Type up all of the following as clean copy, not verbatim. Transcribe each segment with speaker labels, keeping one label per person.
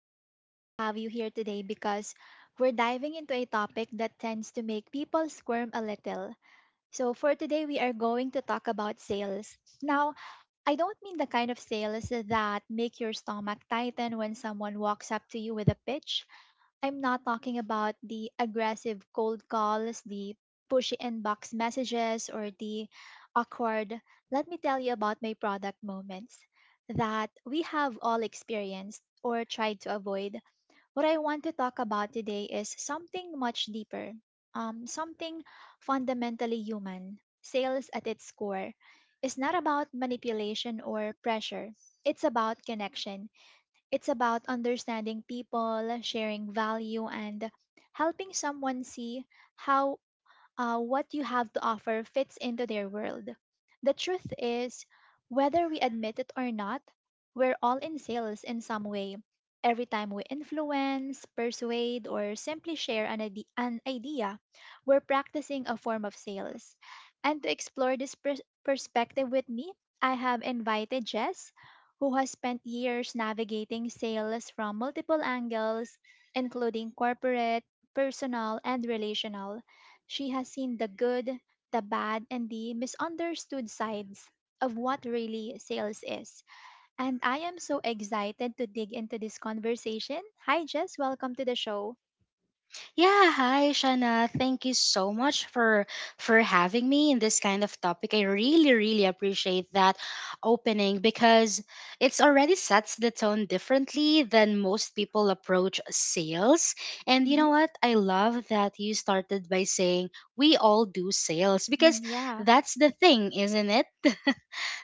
Speaker 1: I'm thrilled to have you here today because we're diving into a topic that tends to make people squirm a little. So, for today, we are going to talk about sales. Now, I don't mean the kind of sales that make your stomach tighten when someone walks up to you with a pitch. I'm not talking about the aggressive cold calls, the pushy inbox messages, or the awkward, let me tell you about my product moments that we have all experienced or tried to avoid. What I want to talk about today is something much deeper, something fundamentally human. Sales at its core is not about manipulation or pressure, it's about connection. It's about understanding people, sharing value, and helping someone see how what you have to offer fits into their world. The truth is, whether we admit it or not, we're all in sales in some way. Every time we influence, persuade, or simply share an idea, we're practicing a form of sales. And to explore this perspective with me, I have invited Jess, who has spent years navigating sales from multiple angles, including corporate, personal, and relational. She has seen the good, the bad, and the misunderstood sides of what really sales is. And I am so excited to dig into this conversation. Hi, Jess. Welcome to the show.
Speaker 2: Yeah, hi Shana. Thank you so much for having me in this kind of topic. I really really appreciate that opening, because it's already sets the tone differently than most people approach sales. And you
Speaker 1: Hmm.
Speaker 2: know what? I love that you started by saying we all do sales, because
Speaker 1: Yeah.
Speaker 2: that's the thing, isn't it?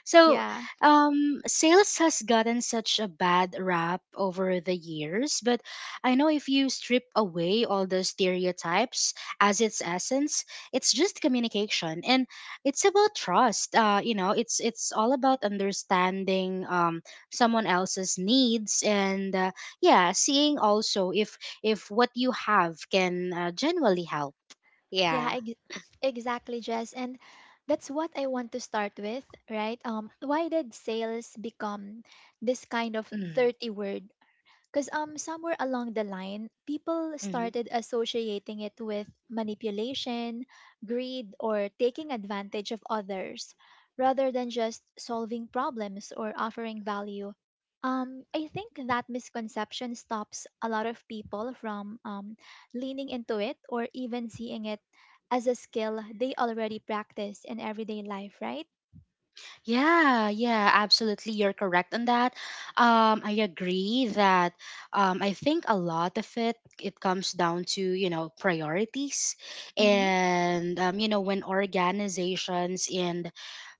Speaker 2: So,
Speaker 1: Yeah,
Speaker 2: sales has gotten such a bad rap over the years, but I know if you strip away all the stereotypes as its essence, it's just communication, and it's about trust. You know, it's all about understanding someone else's needs, and yeah, seeing also if what you have can genuinely help.
Speaker 1: yeah,
Speaker 2: Yeah.
Speaker 1: ex- exactly, Jess. And that's what I want to start with, right? Why did sales become this kind of
Speaker 2: Mm-hmm.
Speaker 1: dirty word? Because somewhere along the line, people
Speaker 2: Mm-hmm.
Speaker 1: started associating it with manipulation, greed, or taking advantage of others, rather than just solving problems or offering value. I think that misconception stops a lot of people from leaning into it or even seeing it as a skill they already practice in everyday life, right?
Speaker 2: Yeah, yeah, absolutely. You're correct on that. I agree that, I think a lot of it comes down to, you know, priorities,
Speaker 1: Mm-hmm.
Speaker 2: and, you know, when organizations and,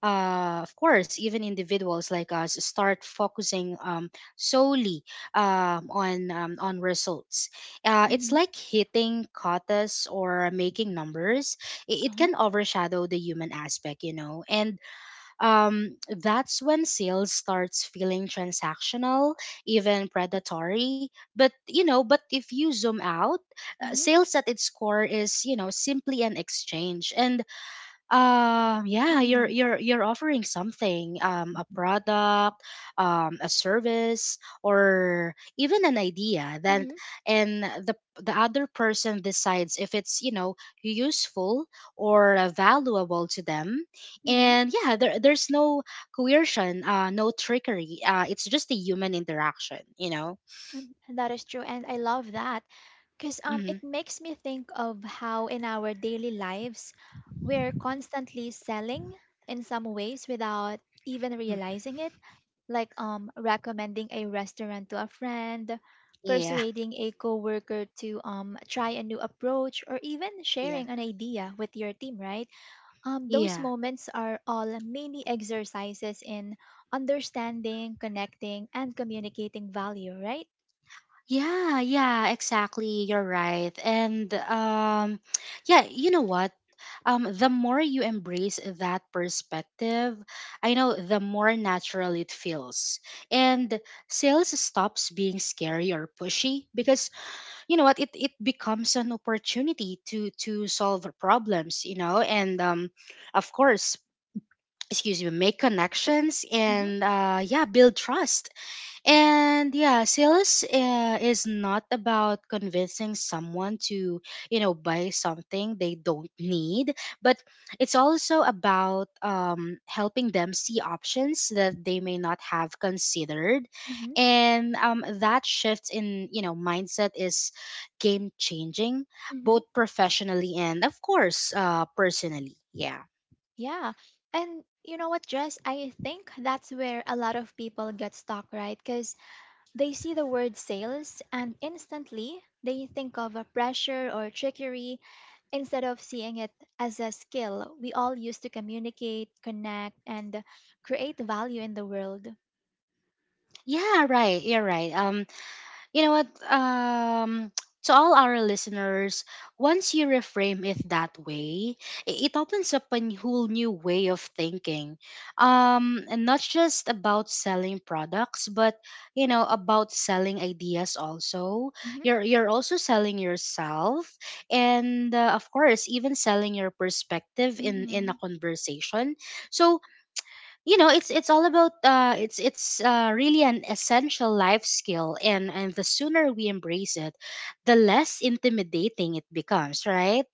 Speaker 2: of course, even individuals like us start focusing, solely, on results. It's
Speaker 1: Mm-hmm.
Speaker 2: like hitting quotas or making numbers. It
Speaker 1: Uh-huh.
Speaker 2: can overshadow the human aspect, you know, and, that's when sales starts feeling transactional, even predatory. But, you know, but if you zoom out,
Speaker 1: Mm-hmm.
Speaker 2: sales at its core is, you know, simply an exchange, and, yeah you're
Speaker 1: Mm-hmm.
Speaker 2: you're you're offering something, a product, a service, or even an idea that,
Speaker 1: Mm-hmm.
Speaker 2: and the other person decides if it's, you know, useful or, valuable to them,
Speaker 1: Mm-hmm.
Speaker 2: and yeah, there's no coercion, no trickery, it's just a human interaction.
Speaker 1: Mm. That is true, and I love that because
Speaker 2: Mm-hmm.
Speaker 1: it makes me think of how in our daily lives we're constantly selling in some ways without even
Speaker 2: Mm,
Speaker 1: realizing it, like recommending a restaurant to a friend,
Speaker 2: yeah.
Speaker 1: persuading a coworker to try a new approach, or even
Speaker 2: Yeah.
Speaker 1: sharing an idea with your team, right? Those
Speaker 2: Yeah.
Speaker 1: moments are all mini exercises in understanding, connecting, and communicating value, right?
Speaker 2: Yeah, yeah, exactly. You're right. And, yeah, you know what? The more you embrace that perspective, I know the more natural it feels. And sales stops being scary or pushy, because you know what? It becomes an opportunity to solve problems, you know, and, of course, excuse me, make connections,
Speaker 1: Mhm.
Speaker 2: and, yeah, build trust. And yeah, sales, is not about convincing someone to, you know, buy something they don't need, but it's also about, helping them see options that they may not have considered.
Speaker 1: Mhm.
Speaker 2: And, that shift in, you know, mindset is game changing,
Speaker 1: Mhm.
Speaker 2: both professionally and, of course, personally. Yeah.
Speaker 1: Yeah. And you know what, Jess? I think that's where a lot of people get stuck, right? Because they see the word sales and instantly they think of a pressure or trickery instead of seeing it as a skill we all use to communicate, connect, and create value in the world.
Speaker 2: Yeah, right. You're right. You know what? To all our listeners, once you reframe it that way, it opens up whole new way of thinking. And not just about selling products, but you know about selling ideas also. You're also selling yourself, and, of course, even selling your perspective in a
Speaker 1: Hmm.
Speaker 2: conversation. So, you know, it's all about, it's really an essential life skill, and the sooner we embrace it, the less intimidating it becomes, right?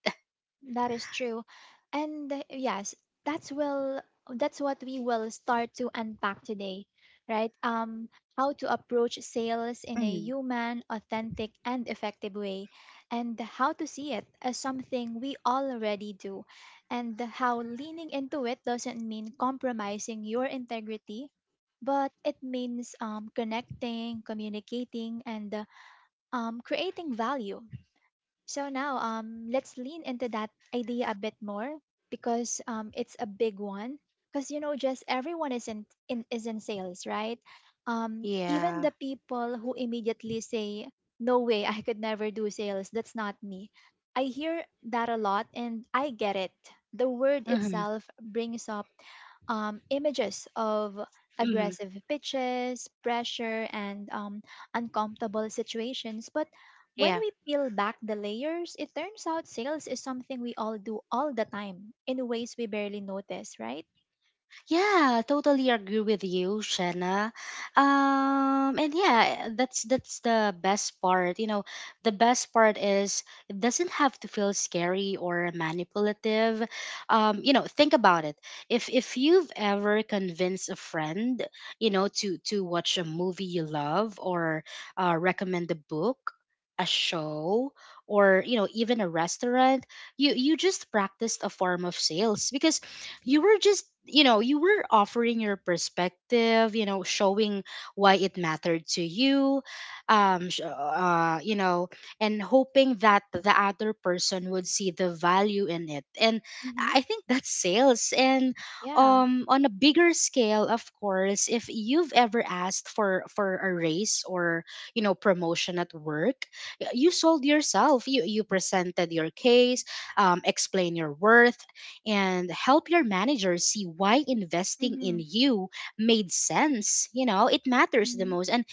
Speaker 1: That is true. And yes, that's will that's what we will start to unpack today, right? Um, how to approach sales in a
Speaker 2: Hmm.
Speaker 1: human, authentic and effective way, and how to see it as something we already do, and how leaning into it doesn't mean compromising your integrity, but it means um, connecting, communicating and um, creating value. So now, let's lean into that idea a bit more because it's a big one. Because you know, just everyone is in is in sales, right? Even
Speaker 2: Yeah.
Speaker 1: the people who immediately say, "No way, I could never do sales. That's not me." I hear that a lot, and I get it. The word
Speaker 2: Hmm.
Speaker 1: itself brings up images of
Speaker 2: Hmm.
Speaker 1: aggressive pitches, pressure, and uncomfortable situations. But when we peel back the layers, it turns out sales is something we all do all the time in ways we barely notice, right?
Speaker 2: Yeah, totally agree with you, Shanna. And yeah, that's the best part. You know, the best part is it doesn't have to feel scary or manipulative. You know, think about it. If you've ever convinced a friend, you know, to watch a movie you love, or, recommend a book, a show, or, you know, even a restaurant, you just practiced a form of sales, because you were just you were offering your perspective, you know, showing why it mattered to you, you know, and hoping that the other person would see the value in it. And
Speaker 1: Mm-hmm.
Speaker 2: I think that's sales. And,
Speaker 1: Yeah.
Speaker 2: on a bigger scale, of course, if you've ever asked for a raise, or, you know, promotion at work, you sold yourself, you presented your case, explain your worth, and help your manager see why investing
Speaker 1: Mm-hmm.
Speaker 2: in you made sense, you know, it matters the
Speaker 1: Mm-hmm.
Speaker 2: most. and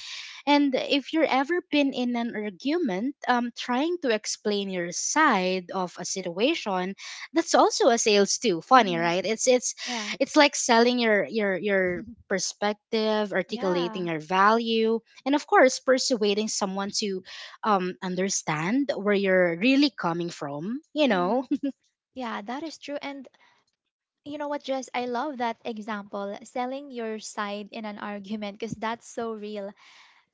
Speaker 2: and if you're ever been in an argument, trying to explain your side of a situation, that's also a sales, too. Funny,
Speaker 1: Mm-hmm.
Speaker 2: right? it's it's
Speaker 1: Yeah.
Speaker 2: it's like selling your perspective, articulating
Speaker 1: Yeah.
Speaker 2: your value, and, of course, persuading someone to, understand where you're really coming from.
Speaker 1: Mm-hmm. Yeah, that is true. And you know what, Jess? I love that example, selling your side in an argument, because that's so real.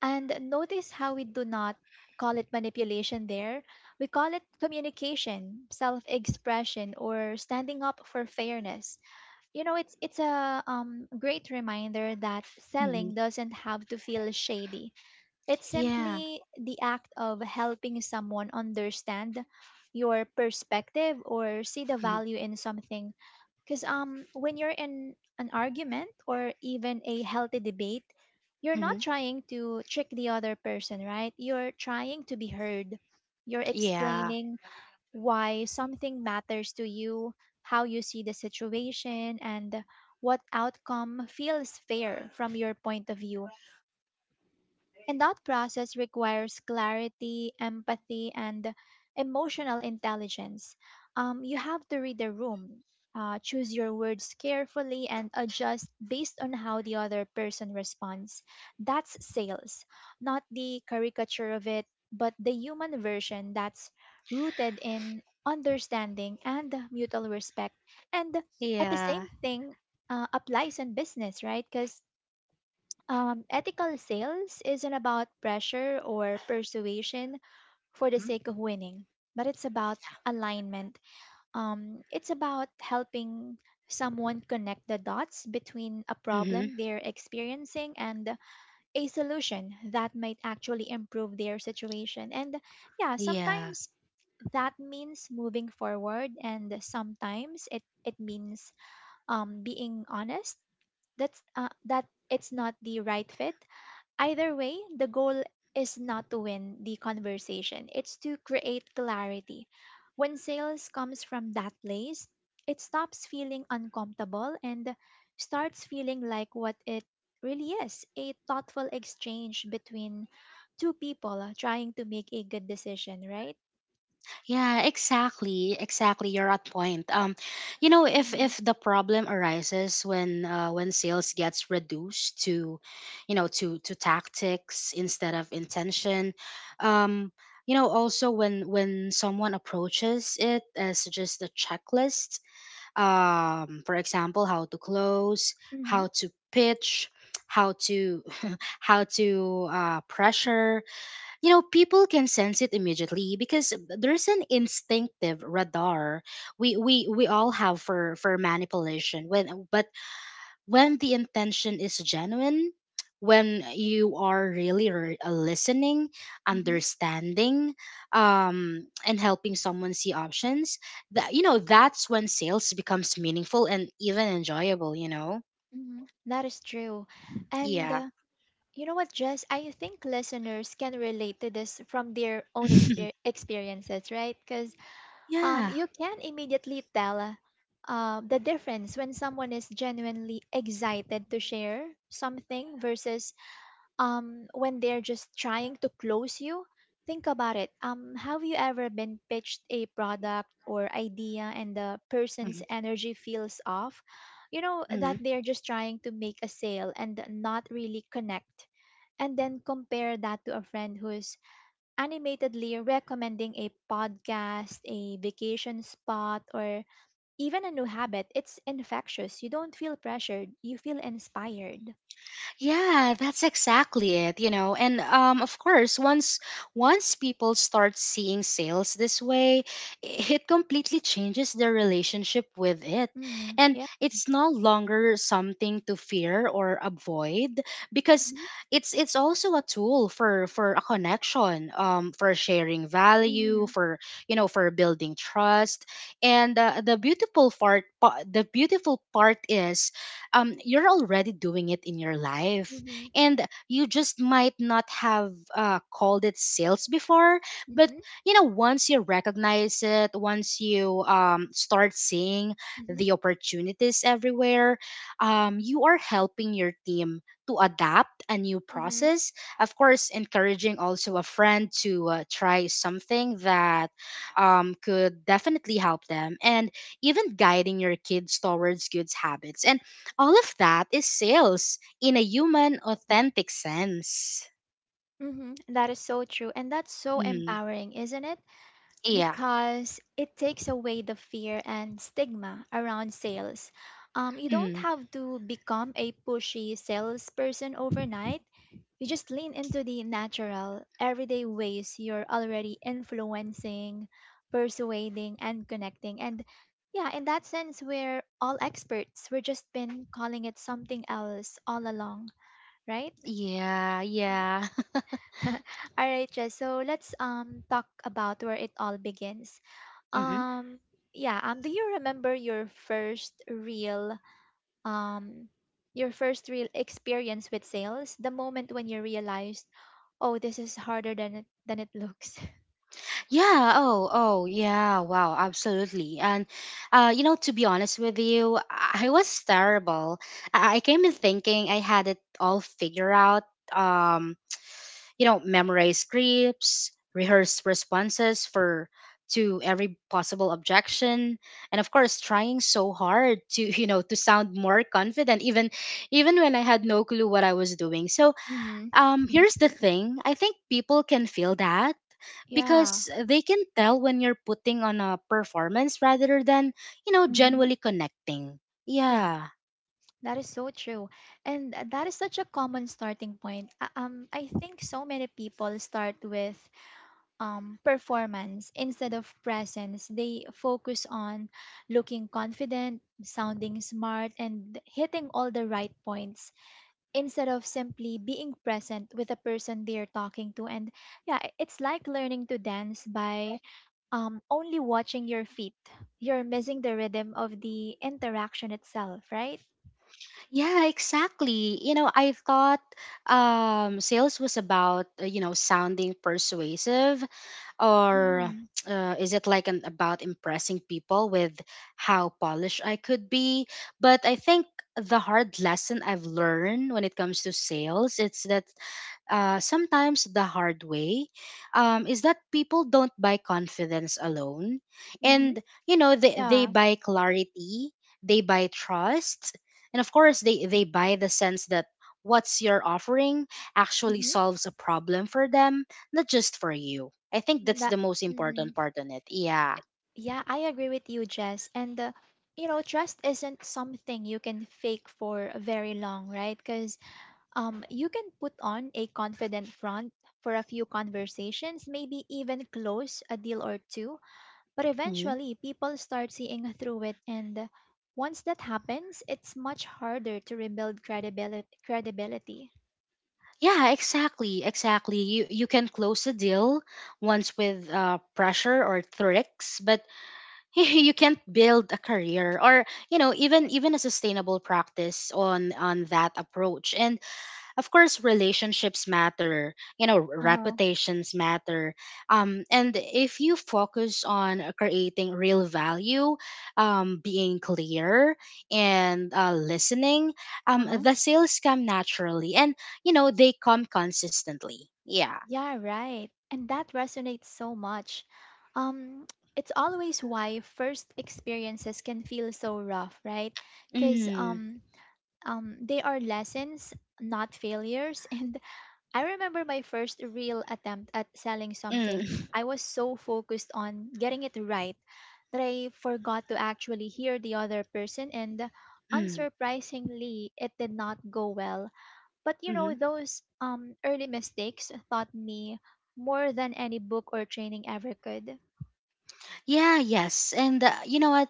Speaker 1: And notice how we do not call it manipulation there. We call it communication, self expression, or standing up for fairness. You know, it's a great reminder that
Speaker 2: Mhm.
Speaker 1: selling doesn't have to feel shady. It's
Speaker 2: Yeah.
Speaker 1: simply the act of helping someone understand your perspective or see the value in something, because when you're in an argument or even a healthy debate, you're not
Speaker 2: Mm-hmm.
Speaker 1: trying to trick the other person, right? You're trying to be heard. You're
Speaker 2: Yeah.
Speaker 1: explaining why something matters to you, how you see the situation, and what outcome feels fair from your point of view. And that process requires clarity, empathy, and emotional intelligence. You have to read the room, choose your words carefully, and adjust based on how the other person responds. That's sales, not the caricature of it, but the human version that's rooted in understanding and mutual respect. And at the
Speaker 2: Yeah.
Speaker 1: same thing, applies in business, right? Because ethical sales isn't about pressure or persuasion for the sake of winning, but it's about alignment. It's about helping someone connect the dots between a
Speaker 2: Mm-hmm.
Speaker 1: problem they're experiencing and a solution that might actually improve their situation. And yeah,
Speaker 2: Yeah.
Speaker 1: sometimes that means moving forward, and sometimes it means being honest. That's that it's not the right fit. Either way, the goal is not to win the conversation, it's to create clarity. When sales comes from that place, it stops feeling uncomfortable and starts feeling like what it really is, a thoughtful exchange between two people trying to make a good decision, right?
Speaker 2: Yeah, exactly. Exactly. You're at point. You know, if
Speaker 1: Mm-hmm.
Speaker 2: if the problem arises when, when sales gets reduced to, you know, to tactics instead of intention, um, you know, also when someone approaches it as just a checklist, for example, how to close,
Speaker 1: Mm-hmm.
Speaker 2: how to pitch, how to how to, pressure. You know, people can sense it immediately because there's an instinctive radar we all have for manipulation. When the intention is genuine, when you are really listening, understanding, and helping someone see options, that's when sales becomes meaningful and even enjoyable. You know,
Speaker 1: Mm-hmm. That is true. And
Speaker 2: yeah,
Speaker 1: you know what, Jess? I think listeners can relate to this from their own experiences, right? Because
Speaker 2: yeah.
Speaker 1: you can immediately tell the difference when someone is genuinely excited to share something versus when they're just trying to close you. Think about it. Have you ever been pitched a product or idea and the person's energy feels off? You know that
Speaker 2: Mhm.
Speaker 1: they're just trying to make a sale and not really connect, and then compare that to a friend who's animatedly recommending a podcast, a vacation spot, or even a new habit, it's infectious. You don't feel pressured, you feel inspired.
Speaker 2: Yeah, that's exactly it, you know. And, of course, once people start seeing sales this way, it completely changes their relationship with it.
Speaker 1: Mm-hmm.
Speaker 2: And
Speaker 1: Yeah.
Speaker 2: it's no longer something to fear or avoid, because
Speaker 1: Mm-hmm.
Speaker 2: it's also a tool for a connection, for sharing value,
Speaker 1: Mm-hmm.
Speaker 2: for building trust. And, the beautiful part is, you're already doing it in your life.
Speaker 1: Mm-hmm.
Speaker 2: And you just might not have, called it sales before, but,
Speaker 1: Mm-hmm.
Speaker 2: you know, once you recognize it, once you, start seeing
Speaker 1: Mm-hmm.
Speaker 2: the opportunities everywhere, you are helping your team to adapt a new
Speaker 1: Mm-hmm.
Speaker 2: process. Of course, encouraging also a friend to, try something that, could definitely help them, and even guiding your kids towards good habits. And all of that is sales in a human, authentic sense.
Speaker 1: Mm-hmm. That is so true. And that's so
Speaker 2: Mm,
Speaker 1: empowering, isn't it?
Speaker 2: yeah.
Speaker 1: Because it takes away the fear and stigma around sales. You don't
Speaker 2: Mm,
Speaker 1: have to become a pushy salesperson overnight. You just lean into the natural, everyday ways you're already influencing, persuading, and connecting. And yeah, in that sense, we're all experts. We're just been calling it something else all along, right?
Speaker 2: yeah, yeah.
Speaker 1: All right, Jess. So let's um, talk about where it all begins,
Speaker 2: Hmm.
Speaker 1: um, yeah, do you remember um your first real experience with sales? The moment when you realized, oh, this is harder than it looks.
Speaker 2: Yeah. Oh, oh, yeah. Wow. Absolutely. And, you know, to be honest with you, I was terrible. I came in thinking I had it all figured out. Um, you know, memorize scripts, rehearse responses for to every possible objection, and, of course, trying so hard to you know to sound more confident, even when I had no clue what I was doing. So,
Speaker 1: Mm-hmm.
Speaker 2: here's the thing: I think people can feel that,
Speaker 1: Yeah.
Speaker 2: because they can tell when you're putting on a performance rather than, you know,
Speaker 1: Mm-hmm.
Speaker 2: genuinely connecting.
Speaker 1: Yeah,
Speaker 2: Yeah.
Speaker 1: that is so true. And that is such a common starting point. Um, I think so many people start with performance instead of presence. They focus on looking confident, sounding smart, and hitting all the right points instead of simply being present with the person they are talking to. And yeah, it's like learning to dance by only watching your feet. You're missing the rhythm of the interaction itself, right?
Speaker 2: Yeah, exactly. You know, I thought, sales was about, you know, sounding persuasive, or
Speaker 1: Mm-hmm.
Speaker 2: is it like an about impressing people with how polished I could be? But I think the hard lesson I've learned when it comes to sales, it's that, sometimes the hard way, is that people don't buy confidence alone.
Speaker 1: Mm-hmm.
Speaker 2: And, you know, they
Speaker 1: Yeah.
Speaker 2: buy clarity, they buy trust, and, of course, they buy the sense that what's you're offering actually
Speaker 1: Mm-hmm.
Speaker 2: solves a problem for them, not just for you. I think that's
Speaker 1: That.
Speaker 2: the most
Speaker 1: Mm-hmm.
Speaker 2: important part in it. Yeah.
Speaker 1: Yeah, I agree with you, Jess. And you know, trust isn't something you can fake for very long, right? Because you can put on a confident front for a few conversations, maybe even close a deal or two, but
Speaker 2: Hmm.
Speaker 1: eventually people start seeing through it, and once that happens, it's much harder to rebuild credibility. Credibility.
Speaker 2: Yeah, exactly, exactly. You can close a deal once with, pressure or tricks, but you can't build a career, or, you know, even a sustainable practice on that approach, and, of course, relationships matter, you know,
Speaker 1: Uh huh.
Speaker 2: reputations matter, and if you focus on creating real value, being clear, and, listening,
Speaker 1: Uh huh.
Speaker 2: the sales come naturally, and, you know, they come consistently. Yeah.
Speaker 1: Yeah, right. And that resonates so much. Um, it's always why first experiences can feel so rough, right? Because
Speaker 2: Mm.
Speaker 1: um, they are lessons, not failures. And I remember my first real attempt at selling something.
Speaker 2: Mm.
Speaker 1: I was so focused on getting it right that I forgot to actually hear the other person. And
Speaker 2: Mm.
Speaker 1: unsurprisingly, it did not go well. But you
Speaker 2: Mhm.
Speaker 1: know, those early mistakes taught me more than any book or training ever could.
Speaker 2: Yeah, yes. And, you know what?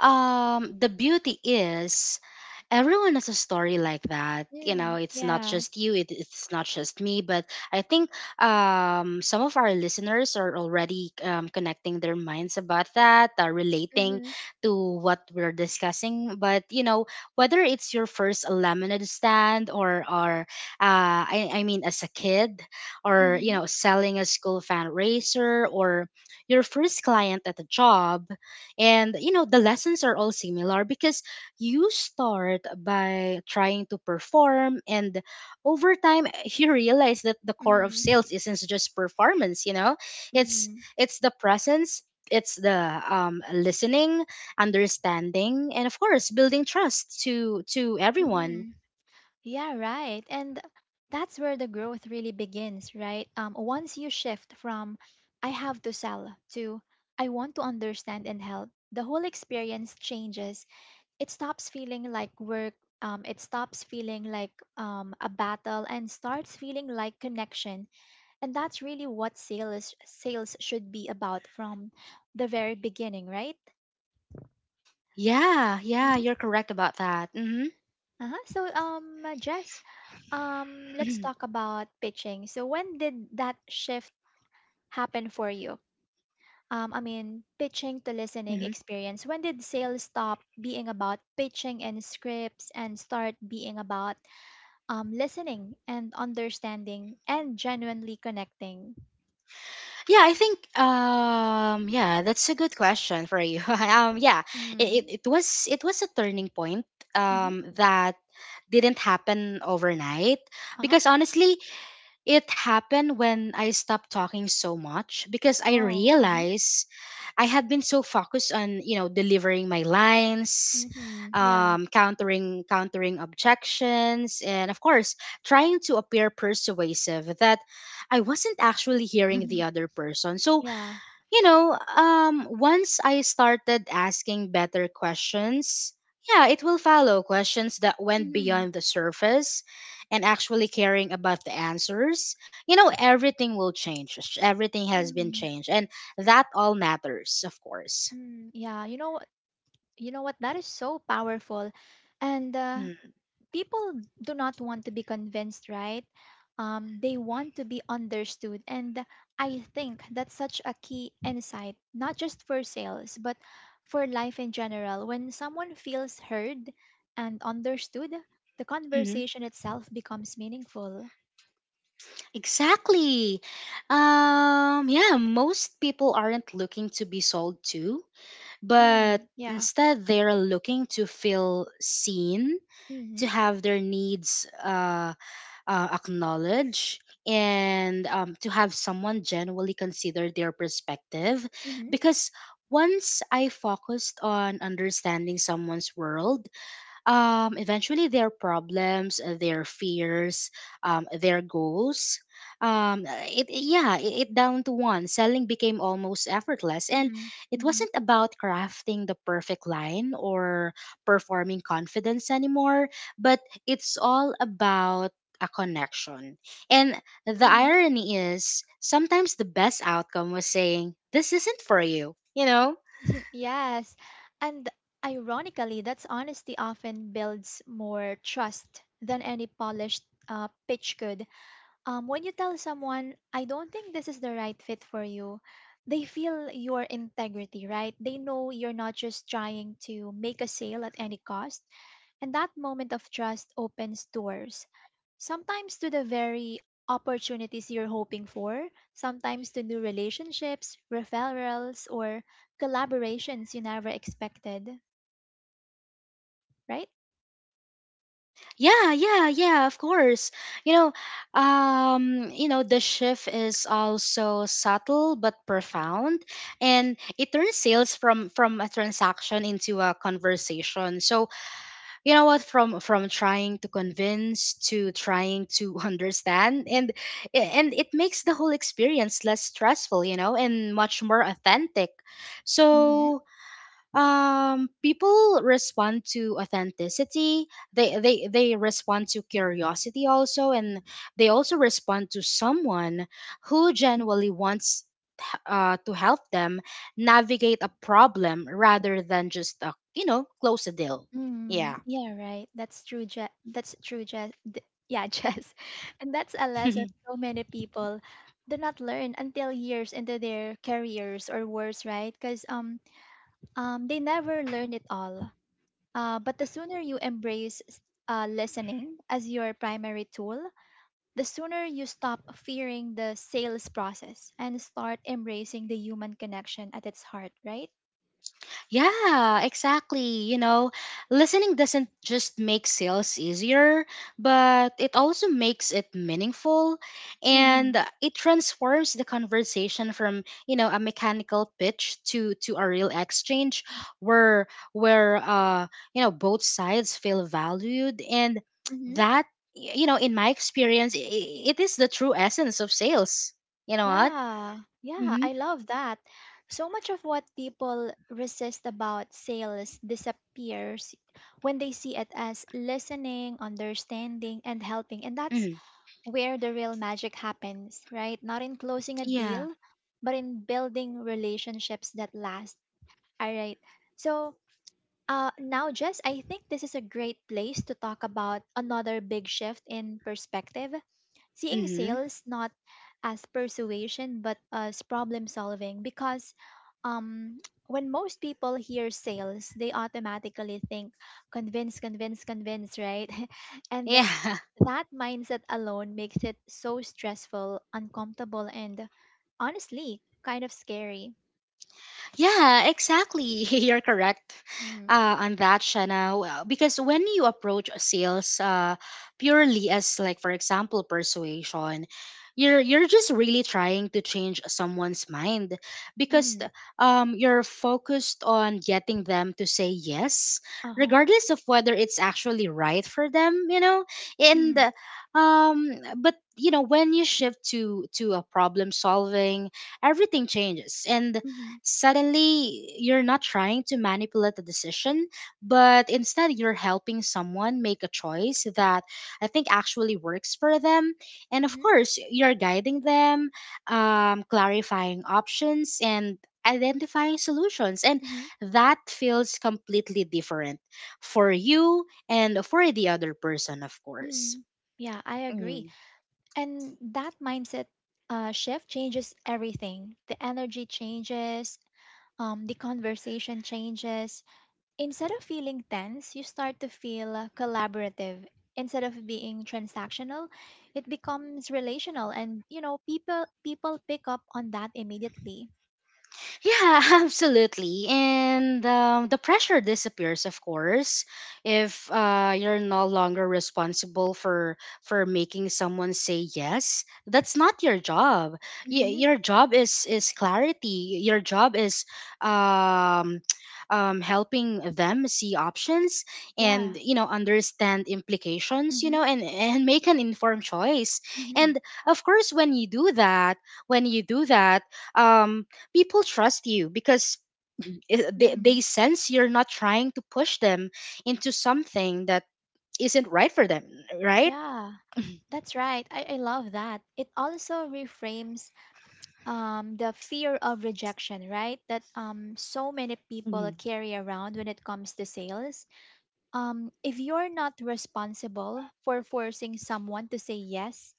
Speaker 2: The beauty is everyone has a story like that, you know,
Speaker 1: Mm,
Speaker 2: it's not
Speaker 1: yeah.
Speaker 2: just you, it's not just me. But I think, some of our listeners are already, connecting their minds about that, relating
Speaker 1: Mm-hmm.
Speaker 2: to what we're discussing. But, you know, whether it's your first lemonade stand, or I mean as a kid, or, you
Speaker 1: Mm-hmm.
Speaker 2: know, selling a school fundraiser, or your first client at a job, and, you know, the lessons are all similar, because you start by trying to perform, and over time you realize that the core of
Speaker 1: Mm.
Speaker 2: sales isn't just performance. You know, it's
Speaker 1: Mm-hmm.
Speaker 2: it's the presence, it's the, listening, understanding, and, of course, building trust to everyone.
Speaker 1: Mm-hmm. Yeah, right. And that's where the growth really begins, right? Once you shift from I have to sell to I want to understand and help, the whole experience changes. It stops feeling like work. It stops feeling like a battle and starts feeling like connection. And that's really what sales should be about from the very beginning, right?
Speaker 2: Yeah, yeah, you're
Speaker 1: Hmm.
Speaker 2: correct about that. Hmm.
Speaker 1: Uh-huh. So, Jess, let's talk about pitching. So, when did that shift happen for you? I mean, pitching to listening experience. When did sales stop being about pitching and scripts and start being about listening and understanding and genuinely connecting?
Speaker 2: Yeah, I think, yeah, that's a good question for you. Yeah, it, it,
Speaker 1: Mm-hmm.
Speaker 2: it was it was a turning point, that didn't happen overnight,
Speaker 1: Uh-huh.
Speaker 2: because honestly, it happened when I stopped talking so much, because I
Speaker 1: Oh, uh-huh.
Speaker 2: realized I had been so focused on, you know, delivering my lines,
Speaker 1: Mm-hmm. Yeah.
Speaker 2: countering objections, and, of course, trying to appear persuasive, that I wasn't actually hearing the other person. So,
Speaker 1: Yeah.
Speaker 2: you know, once I started asking better questions, yeah, it will follow questions that went
Speaker 1: Mm-hmm.
Speaker 2: beyond the surface, and actually caring about the answers. You know, everything will change. Everything has been
Speaker 1: Mm.
Speaker 2: changed. And that all matters, of course.
Speaker 1: Mm. Yeah. You know what? That is so powerful, and
Speaker 2: Mm.
Speaker 1: people do not want to be convinced, right? They want to be understood, and I think that's such a key insight, not just for sales, but for life in general. When someone feels heard and understood, the
Speaker 2: Mm-hmm.
Speaker 1: conversation itself becomes meaningful.
Speaker 2: Exactly. Yeah, Most people aren't looking to be sold to, but
Speaker 1: Mm, yeah.
Speaker 2: instead they're looking to feel seen, to
Speaker 1: Mm-hmm.
Speaker 2: have their needs acknowledged, and to have someone genuinely consider their perspective.
Speaker 1: Mm-hmm.
Speaker 2: Because once I focused on understanding someone's world, eventually their problems, their fears, their goals. Um, it it- yeah, it down to one. Selling became almost effortless, and
Speaker 1: Mm-hmm.
Speaker 2: it wasn't about crafting the perfect line or performing confidence anymore. But it's all about a connection. And the
Speaker 1: Mm-hmm.
Speaker 2: irony is, sometimes the best outcome was saying, "This isn't for you." You know
Speaker 1: Yes, and ironically, that's honesty often builds more trust than any polished pitch could. When you tell someone, I don't think this is the right fit for you, they feel your integrity, right? They know you're not just trying to make a sale at any cost. And that moment of trust opens doors, sometimes to the very opportunities you're hoping for, sometimes to new relationships, referrals, or collaborations you never expected, right?
Speaker 2: Yeah, yeah, yeah, of course. You know, the shift is also subtle but profound, and it turns sales from a transaction into a conversation. So, from trying to convince to trying to understand. And it makes the whole experience less stressful, you know, and much more authentic. So, people respond to authenticity, they respond to curiosity also, and they also respond to someone who genuinely wants to help them navigate a problem rather than just close a deal.
Speaker 1: Mm,
Speaker 2: Yeah.
Speaker 1: yeah, right. That's true, Jess. Yeah, Jess. And that's a lesson so many people do not learn until years into their careers or worse, right? Because they never learn it all. But the sooner you embrace listening as your primary tool, the sooner you stop fearing the sales process and start embracing the human connection at its heart, right?
Speaker 2: Yeah, exactly. You know, listening doesn't just make sales easier, but it also makes it meaningful,
Speaker 1: Mm-hmm.
Speaker 2: and it transforms the conversation from, you know, a mechanical pitch to a real exchange where you know, both sides feel valued. And
Speaker 1: Mm-hmm.
Speaker 2: that you know, in my experience, it is the true essence of sales. You know what?
Speaker 1: Yeah, yeah,
Speaker 2: Mhm.
Speaker 1: I love that. So much of what people resist about sales disappears when they see it as listening, understanding, and helping. And that's
Speaker 2: Mhm.
Speaker 1: where the real magic happens, right? Not in closing a
Speaker 2: Yeah.
Speaker 1: deal, but in building relationships that last. All right. So now, Jess, I think this is a great place to talk about another big shift in perspective. Seeing
Speaker 2: Mhm.
Speaker 1: sales not as persuasion but as problem solving, because um when most people hear sales they automatically think convince, convince, convince, right? and th-
Speaker 2: Yeah.
Speaker 1: that mindset alone makes it so stressful, uncomfortable, and honestly kind of scary.
Speaker 2: Yeah, exactly. You're correct
Speaker 1: Mm.
Speaker 2: on that, Shana. Well, because when you approach sales purely as, like, for example, persuasion, you're just really trying to change someone's mind. because
Speaker 1: Mm-hmm.
Speaker 2: th- you're focused on getting them to say yes,
Speaker 1: Uh-huh.
Speaker 2: regardless of whether it's actually right for them, you know. And
Speaker 1: Mm-hmm.
Speaker 2: um, but you know, when you shift to a problem solving, everything changes, and
Speaker 1: Mm-hmm.
Speaker 2: suddenly, you're not trying to manipulate the decision, but instead you're helping someone make a choice that I think actually works for them. And of
Speaker 1: Mm-hmm.
Speaker 2: course, you're guiding them, clarifying options, and identifying solutions. And
Speaker 1: Mm-hmm.
Speaker 2: that feels completely different for you and for the other person, of course.
Speaker 1: Mm-hmm. Yeah, I agree.
Speaker 2: Mm.
Speaker 1: And that mindset shift changes everything. The energy changes, the conversation changes. Instead of feeling tense, you start to feel collaborative. Instead of being transactional, it becomes relational, and you know people pick up on that immediately.
Speaker 2: Yeah, absolutely. And the pressure disappears, of course, if you're no longer responsible for making someone say yes. That's not your job. Y-
Speaker 1: Mm-hmm.
Speaker 2: your job is clarity. Your job is um, helping them see options and
Speaker 1: Yeah.
Speaker 2: you know understand implications. You
Speaker 1: Mm-hmm.
Speaker 2: know, and make an informed choice.
Speaker 1: Mm-hmm.
Speaker 2: And of course, when you do that, when you do that, um, people trust you because
Speaker 1: Mm-hmm.
Speaker 2: they sense you're not trying to push them into something that isn't right for them, right?
Speaker 1: Yeah. That's right. I love that. It also reframes the fear of rejection, right? That so many people
Speaker 2: Hmm.
Speaker 1: carry around when it comes to sales. If you're not responsible for forcing someone to say yes,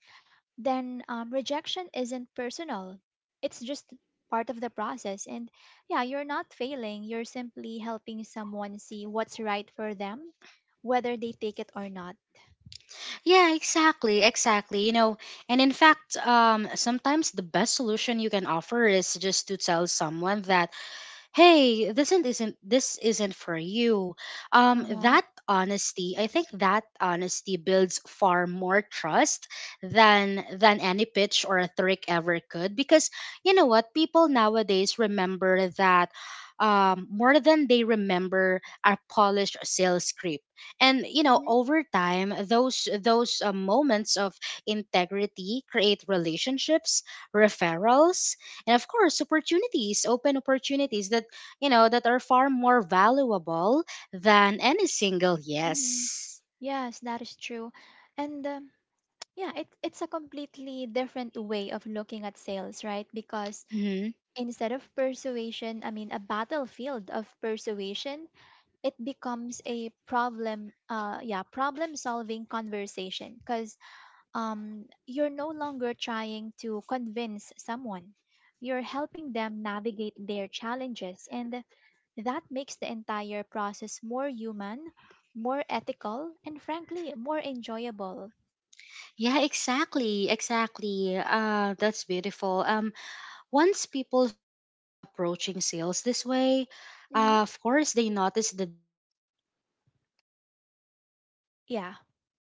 Speaker 1: then rejection isn't personal. It's just part of the process. And yeah, you're not failing. You're simply helping someone see what's right for them, whether they take it or not.
Speaker 2: Yeah, exactly, exactly. You know, and in fact, sometimes the best solution you can offer is just to tell someone that, "Hey, this isn't for you."
Speaker 1: Uh huh.
Speaker 2: That Honesty, I think that honesty builds far more trust than any pitch or a trick ever could, because you know what, people nowadays remember that more than they remember a polished sales script. And you know,
Speaker 1: Mm-hmm.
Speaker 2: over time, those moments of integrity create relationships, referrals, and of course opportunities, open opportunities that, you know, that are far more valuable than any single
Speaker 1: Mm-hmm.
Speaker 2: yes.
Speaker 1: Yes, that is true. And yeah, it's a completely different way of looking at sales, right? Because
Speaker 2: Hmm.
Speaker 1: instead of persuasion, I mean, a battlefield of persuasion, it becomes a problem solving conversation. Because you're no longer trying to convince someone, you're helping them navigate their challenges. And that makes the entire process more human, more ethical, and frankly, more enjoyable.
Speaker 2: Yeah, exactly, exactly. That's beautiful. Once people start approaching sales this way,
Speaker 1: Mhm.
Speaker 2: of course, they notice the difference immediately, and
Speaker 1: Yeah,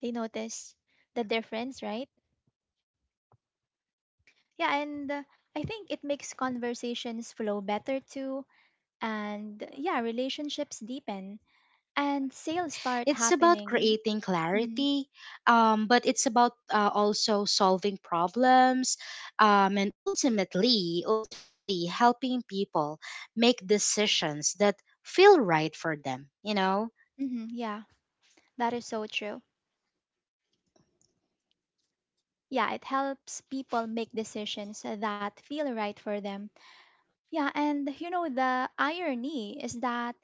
Speaker 1: they
Speaker 2: flow
Speaker 1: notice the
Speaker 2: better,
Speaker 1: difference, right?
Speaker 2: relationship deepen, and yeah,
Speaker 1: Yeah,
Speaker 2: sales
Speaker 1: and
Speaker 2: starts
Speaker 1: I
Speaker 2: happening
Speaker 1: think it makes
Speaker 2: naturally without
Speaker 1: conversations flow
Speaker 2: you know
Speaker 1: better too.
Speaker 2: forcing,
Speaker 1: And yeah,
Speaker 2: pressuring,
Speaker 1: relationships
Speaker 2: or of
Speaker 1: deepen
Speaker 2: course tricking
Speaker 1: and
Speaker 2: anyone. And
Speaker 1: sales start
Speaker 2: it's about
Speaker 1: happening.
Speaker 2: creating
Speaker 1: Hmm.
Speaker 2: clarity, but it's about also solving problems, and ultimately, ultimately helping people make decisions that feel right for them. You know.
Speaker 1: Hmm, yeah, that is so true. Yeah, it helps people make decisions that feel right for them. Yeah, and you know, the irony is that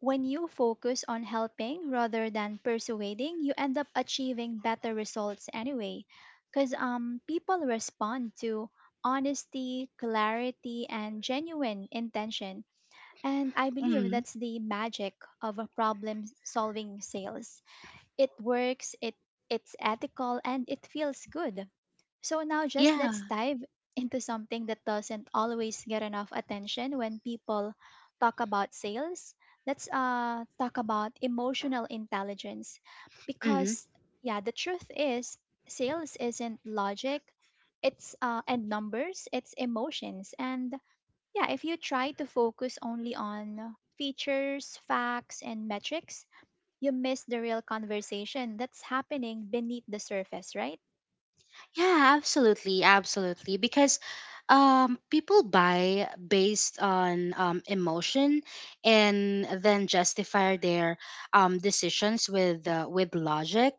Speaker 1: when you focus on helping rather than persuading, you end up achieving better results anyway. Because people respond to honesty, clarity, and genuine intention. And I believe
Speaker 2: Hmm.
Speaker 1: that's the magic of a problem solving sales. It works, it's ethical, and it feels good. So now just let's
Speaker 2: Yeah.
Speaker 1: dive into something that doesn't always get enough attention when people talk about sales. Let's talk about emotional intelligence,
Speaker 2: Hmm.
Speaker 1: because yeah, the truth is sales isn't logic, it's and numbers, it's emotions. And yeah, if you try to focus only on features, facts and metrics, you miss the real conversation that's happening beneath the surface, right?
Speaker 2: Yeah, absolutely, absolutely. Because people buy based on emotion and then justify their decisions with logic.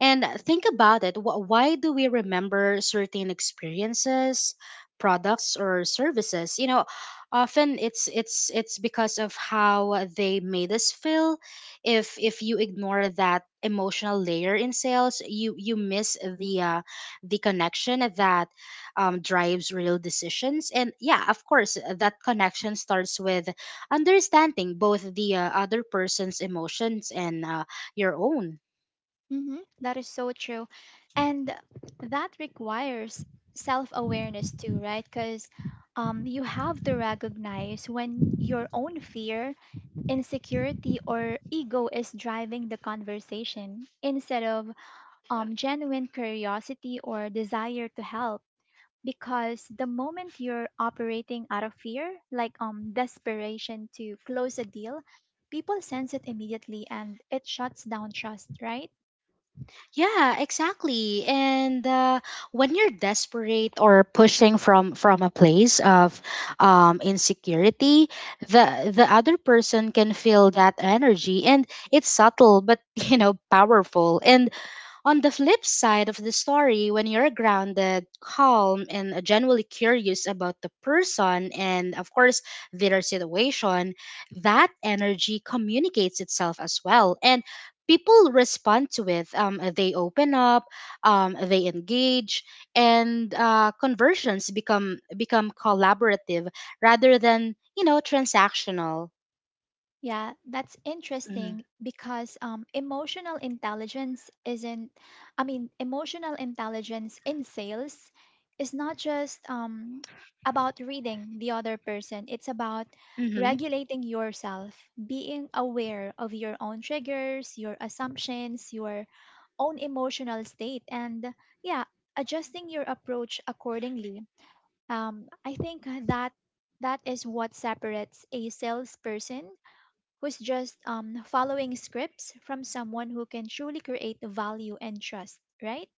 Speaker 2: And think about it. Why do we remember certain experiences, products, or services? You know, often it's because of how they made us feel. If you ignore that emotional layer in sales, you miss the connection that drives real decisions. And yeah, of course, that connection starts with understanding both the other person's emotions and your own.
Speaker 1: Mhm. That is so true. And that requires self awareness too, right? Because you have to recognize when your own fear, insecurity, or ego is driving the conversation instead of Yeah. Genuine curiosity or desire to help. Because the moment you're operating out of fear, like desperation to close a deal, people sense it immediately and it shuts down trust, right?
Speaker 2: Yeah, exactly. And when you're desperate or pushing from a place of insecurity, the other person can feel that energy, and it's subtle but you know powerful. And on the flip side of the story, when you're grounded, calm, and genuinely curious about the person and, of course, their situation, that energy communicates itself as well. And people respond to it. They open up, they engage, and conversions become collaborative rather than you know transactional.
Speaker 1: Yeah, that's
Speaker 2: Hmm.
Speaker 1: interesting because emotional intelligence isn't, I mean, emotional intelligence in sales is not just about reading the other person, it's about regulating yourself, being aware of your own triggers, your assumptions, your own emotional state, and yeah, adjusting your approach accordingly. I think that that is what separates a salesperson who's just following scripts from someone who can truly create value and trust, right?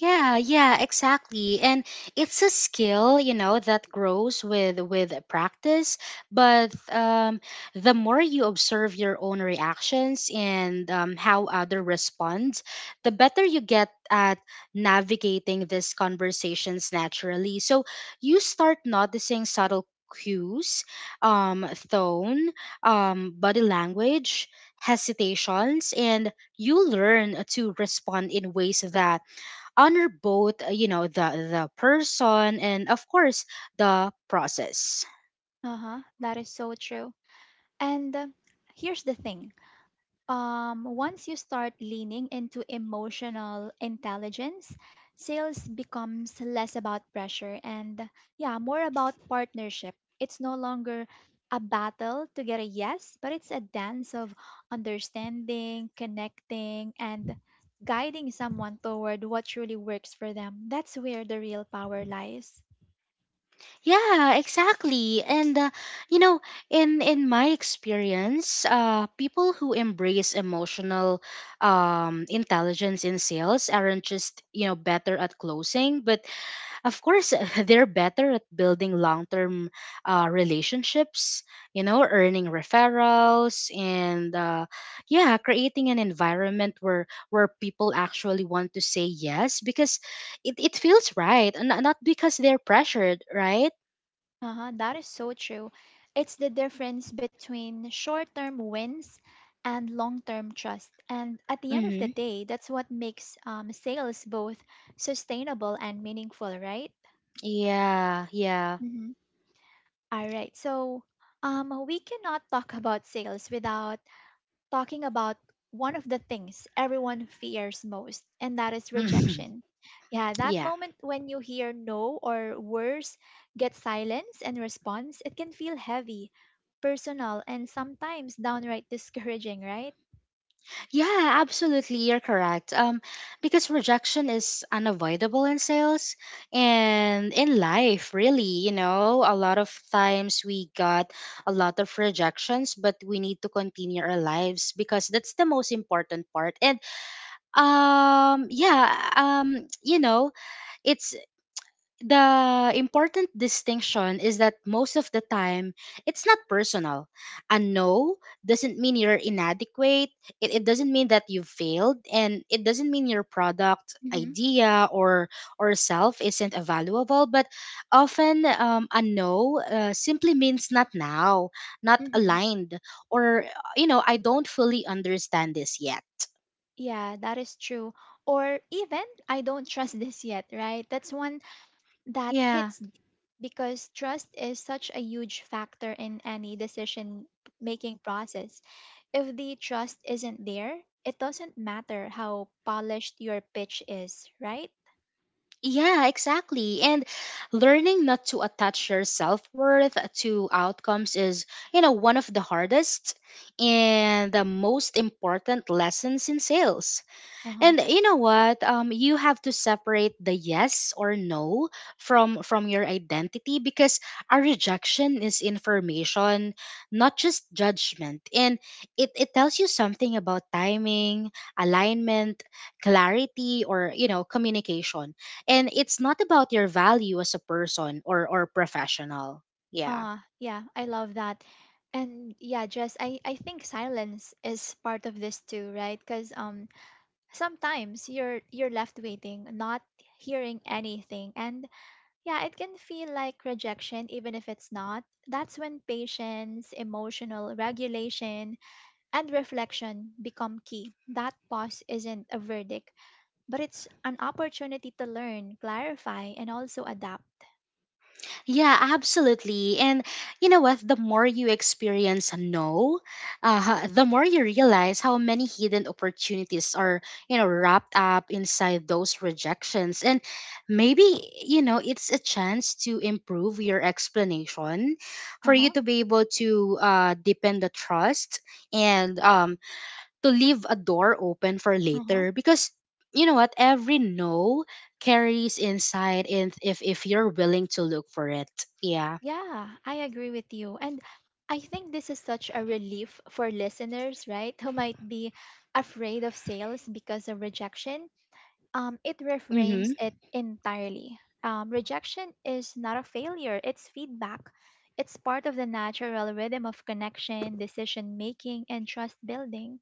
Speaker 2: Yeah, yeah, exactly. And it's a skill, you know, that grows with practice, but the more you observe your own reactions and how other respond, the better you get at navigating these conversations naturally. So you start noticing subtle cues, tone, body language, hesitations, and you learn to respond in ways that honor both the person and of course the process.
Speaker 1: Uh huh. That is so true. And here's the thing. Once you start leaning into emotional intelligence, sales becomes less about pressure and, yeah, more about partnership. It's no longer a battle to get a yes, but it's a dance of understanding, connecting, and guiding someone toward what truly works for them. That's where the real power lies.
Speaker 2: Yeah, exactly. And you know, in my experience, people who embrace emotional intelligence in sales aren't just, you know, better at closing, but of course they're better at building long-term relationships, you know, earning referrals, and yeah, creating an environment where people actually want to say yes because it feels right and not because they're pressured, right?
Speaker 1: Uh-huh, that is so true. It's the difference between short term wins and long term trust. And at the end of the
Speaker 2: Mm-hmm.
Speaker 1: day, that's what makes sales both sustainable and meaningful, right?
Speaker 2: Yeah, yeah.
Speaker 1: Mm-hmm. All right. So we cannot talk about sales without talking about one of the things everyone fears most, and that is rejection. Yeah, that
Speaker 2: Yeah.
Speaker 1: moment when you hear no or worse, get silence and response, it can feel heavy, personal, and sometimes downright discouraging, right?
Speaker 2: Yeah, absolutely. You're correct. Because rejection is unavoidable in sales and in life, really. You know, a lot of times we got a lot of rejections, but we need to continue our lives because that's the most important part. And yeah, you know, it's the important distinction is that most of the time it's not personal. A no doesn't mean you're inadequate, it doesn't mean that you've failed, and it doesn't mean your product,
Speaker 1: Mm-hmm.
Speaker 2: idea, or self isn't valuable, but often a no simply means not now, not
Speaker 1: Mm-hmm.
Speaker 2: aligned, or you know, I don't fully understand this yet.
Speaker 1: Yeah, that is true. Or even, I don't trust this yet, right? That's one. That
Speaker 2: Yeah.
Speaker 1: hits deep because trust is such a huge factor in any decision making process. If the trust isn't there, it doesn't matter how polished your pitch is, right?
Speaker 2: Yeah, exactly. And learning not to attach your self worth to outcomes is, you know, one of the hardest and the most important lessons in sales.
Speaker 1: Uh-huh.
Speaker 2: And you know what? You have to separate the yes or no from your identity, because a rejection is information, not just judgment. And it tells you something about timing, alignment, clarity, or you know, communication. And it's not about your value as a person or professional. Yeah.
Speaker 1: Yeah, I love that. And yeah, just I think silence is part of this too, right? Because sometimes you're left waiting, not hearing anything. And yeah, it can feel like rejection, even if it's not. That's when patience, emotional regulation, and reflection become key. That pause isn't a verdict, but it's an opportunity to learn, clarify, and also adapt.
Speaker 2: Yeah, absolutely. And you know what? The more you experience a no, the more you realize how many hidden opportunities are, you know, wrapped up inside those rejections. And maybe, you know, it's a chance to improve your explanation, for you
Speaker 1: Uh-huh.
Speaker 2: to be able to deepen the trust and to leave a door open for
Speaker 1: Uh-huh.
Speaker 2: later, because you know what, every no carries insight, and if you're willing to look for it. Yeah.
Speaker 1: Yeah, I agree with you. And I think this is such a relief for listeners, right? Who might be afraid of sales because of rejection. It reframes
Speaker 2: Mhm.
Speaker 1: it entirely. Rejection is not a failure, it's feedback. It's part of the natural rhythm of connection, decision making, and trust building.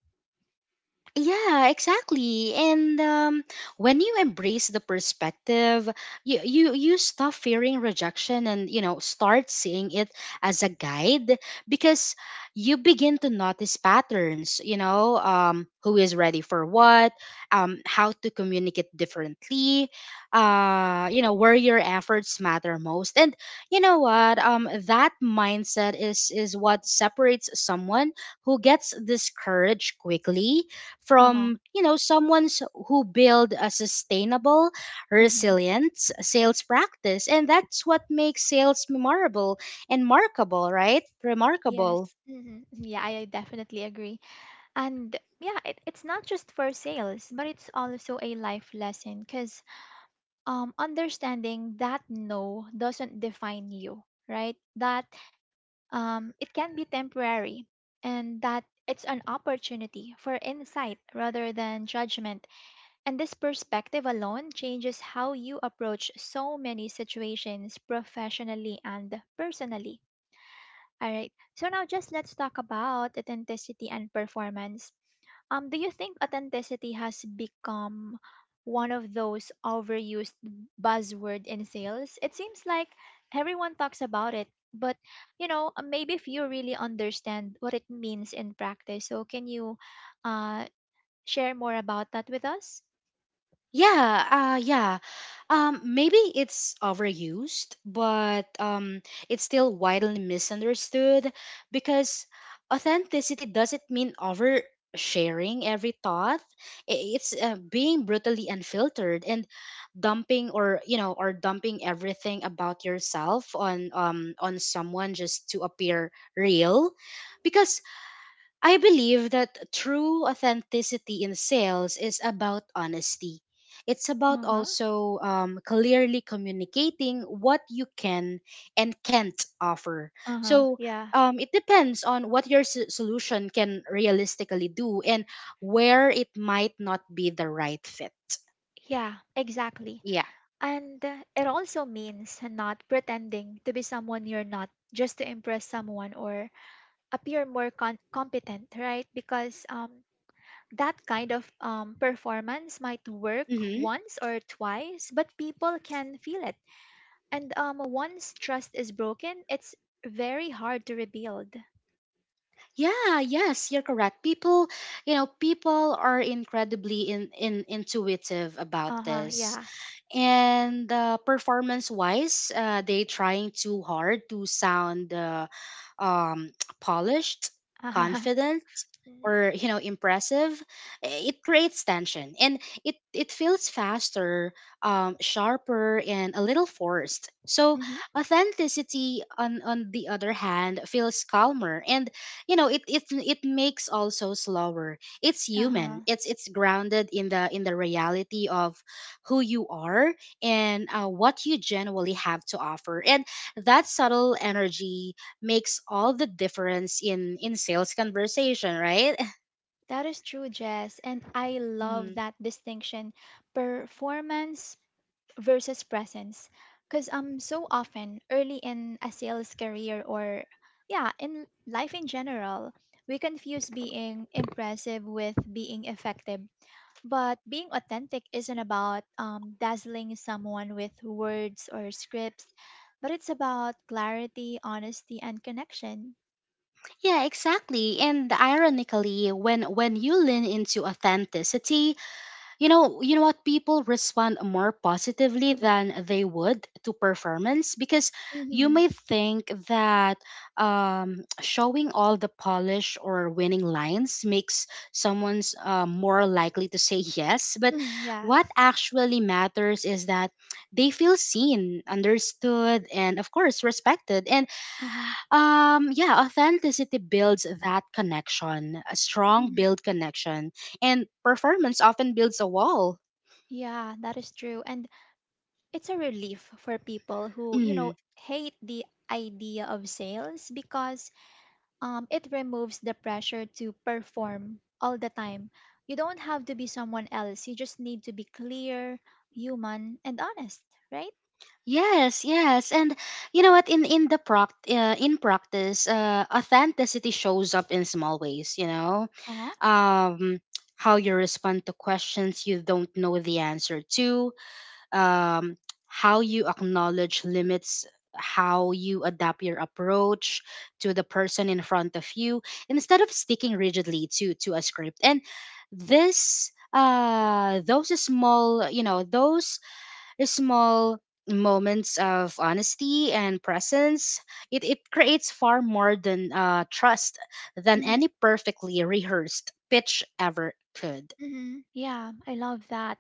Speaker 2: Yeah, exactly. And when you embrace the perspective, you stop fearing rejection and you know start seeing it as a guide, because you begin to notice patterns. You know, who is ready for what, how to communicate differently, you know, where your efforts matter most, and you know what, that mindset is what separates someone who gets discouraged quickly
Speaker 1: Uh-huh.
Speaker 2: from you know someone who build a sustainable,
Speaker 1: Mm-hmm.
Speaker 2: resilient sales practice. And that's what makes sales memorable and markable, right? Remarkable.
Speaker 1: Yes. Mm-hmm. Yeah, I definitely agree. And yeah, it's not just for sales but it's also a life lesson, because understanding that no doesn't define you, right? That um, it can be temporary, and that it's an opportunity for insight rather than judgment. And this perspective alone changes how you approach so many situations professionally and personally. All right, so now just let's talk about authenticity and performance. Do you think authenticity has become one of those overused buzzword in sales? It seems like everyone talks about it, but you know, maybe few really understand what it means in practice. So, can you uh, share more about that with us?
Speaker 2: Yeah, yeah. Maybe it's overused, but it's still widely misunderstood, because authenticity doesn't mean oversharing every thought. It's being brutally unfiltered and dumping, or you know, or dumping everything about yourself on someone just to appear real, because I believe that true authenticity in sales is about honesty. It's about
Speaker 1: Uh-huh.
Speaker 2: also clearly communicating what you can and can't offer.
Speaker 1: Uh-huh.
Speaker 2: So
Speaker 1: Yeah.
Speaker 2: it depends on what your solution can realistically do and where it might not be the right fit.
Speaker 1: Yeah, exactly.
Speaker 2: Yeah.
Speaker 1: And it also means not pretending to be someone you're not just to impress someone or appear more competent, right? Because that kind of performance might work
Speaker 2: Mm-hmm.
Speaker 1: once or twice, but people can feel it. And once trust is broken, it's very hard to rebuild.
Speaker 2: Yeah, yes, you're correct. People, you know, people are incredibly in intuitive about
Speaker 1: Uh huh.
Speaker 2: this.
Speaker 1: Yeah.
Speaker 2: And performance wise, they trying too hard to sound um, polished,
Speaker 1: Uh huh.
Speaker 2: confident,
Speaker 1: Hmm.
Speaker 2: or you know impressive, it creates tension, and it feels faster, sharper, and a little forced. So
Speaker 1: Hmm.
Speaker 2: authenticity on the other hand feels calmer, and you know it makes also slower, it's human,
Speaker 1: Uh-huh.
Speaker 2: it's grounded in the reality of who you are and what you genuinely have to offer. And that subtle energy makes all the difference in sales conversation, right?
Speaker 1: That is true, Jess. And I love
Speaker 2: Mhm.
Speaker 1: that distinction. Performance versus presence, because so often early in a sales career or yeah in life in general we confuse being impressive with being effective, but being authentic isn't about dazzling someone with words or scripts, but it's about clarity, honesty and connection.
Speaker 2: Yeah, exactly. And ironically, when you lean into authenticity, you know, you know what, people respond more positively than they would to performance because you
Speaker 1: Mm-hmm.
Speaker 2: may think that showing all the polish or winning lines makes someone's more likely to say yes. But
Speaker 1: Hmm. Yeah.
Speaker 2: what actually matters is that they feel seen, understood, and of course respected. And
Speaker 1: Uh-huh.
Speaker 2: yeah, authenticity builds that connection, a strong
Speaker 1: Mhm.
Speaker 2: build connection, and performance often builds a wall.
Speaker 1: Yeah, that is true, and it's a relief for people who you know
Speaker 2: Mm.
Speaker 1: hate the idea of sales because it removes the pressure to perform all the time. You don't have to be someone else, you just need to be clear, human and honest, right?
Speaker 2: Yes, yes, and you know what? In the pract in practice, authenticity shows up in small ways.
Speaker 1: Uh-huh.
Speaker 2: Um, how you respond to questions you don't know the answer to, um, how you acknowledge limits, how you adapt your approach to the person in front of you, instead of sticking rigidly to a script. And this, those small, you know, those small moments of honesty and presence, it creates far more than trust than
Speaker 1: Mm-hmm.
Speaker 2: any perfectly rehearsed pitch ever could.
Speaker 1: Mm-hmm. Yeah, I love that.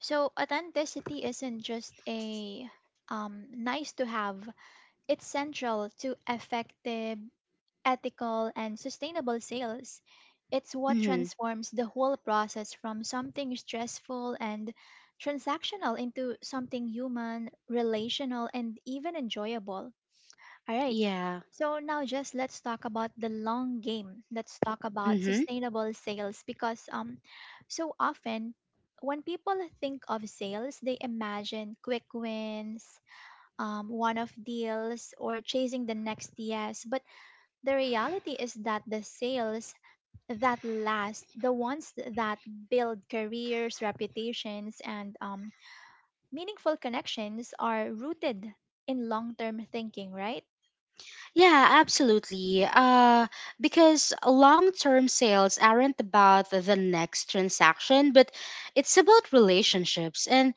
Speaker 1: So authenticity isn't just a nice to have, it's central to effective, ethical, and sustainable sales. It's what
Speaker 2: Hmm.
Speaker 1: transforms the whole process from something stressful and transactional into something human, relational, and even enjoyable. All right.
Speaker 2: Yeah.
Speaker 1: So now just let's talk about the long game. Let's talk about
Speaker 2: Hmm.
Speaker 1: sustainable sales, because so often when people think of sales, they imagine quick wins, one-off deals, or chasing the next yes. But the reality is that the sales that last, the ones that build careers, reputations, and meaningful connections are rooted in long term thinking, right?
Speaker 2: Yeah, absolutely. Because long term sales aren't about the next transaction, but it's about relationships. And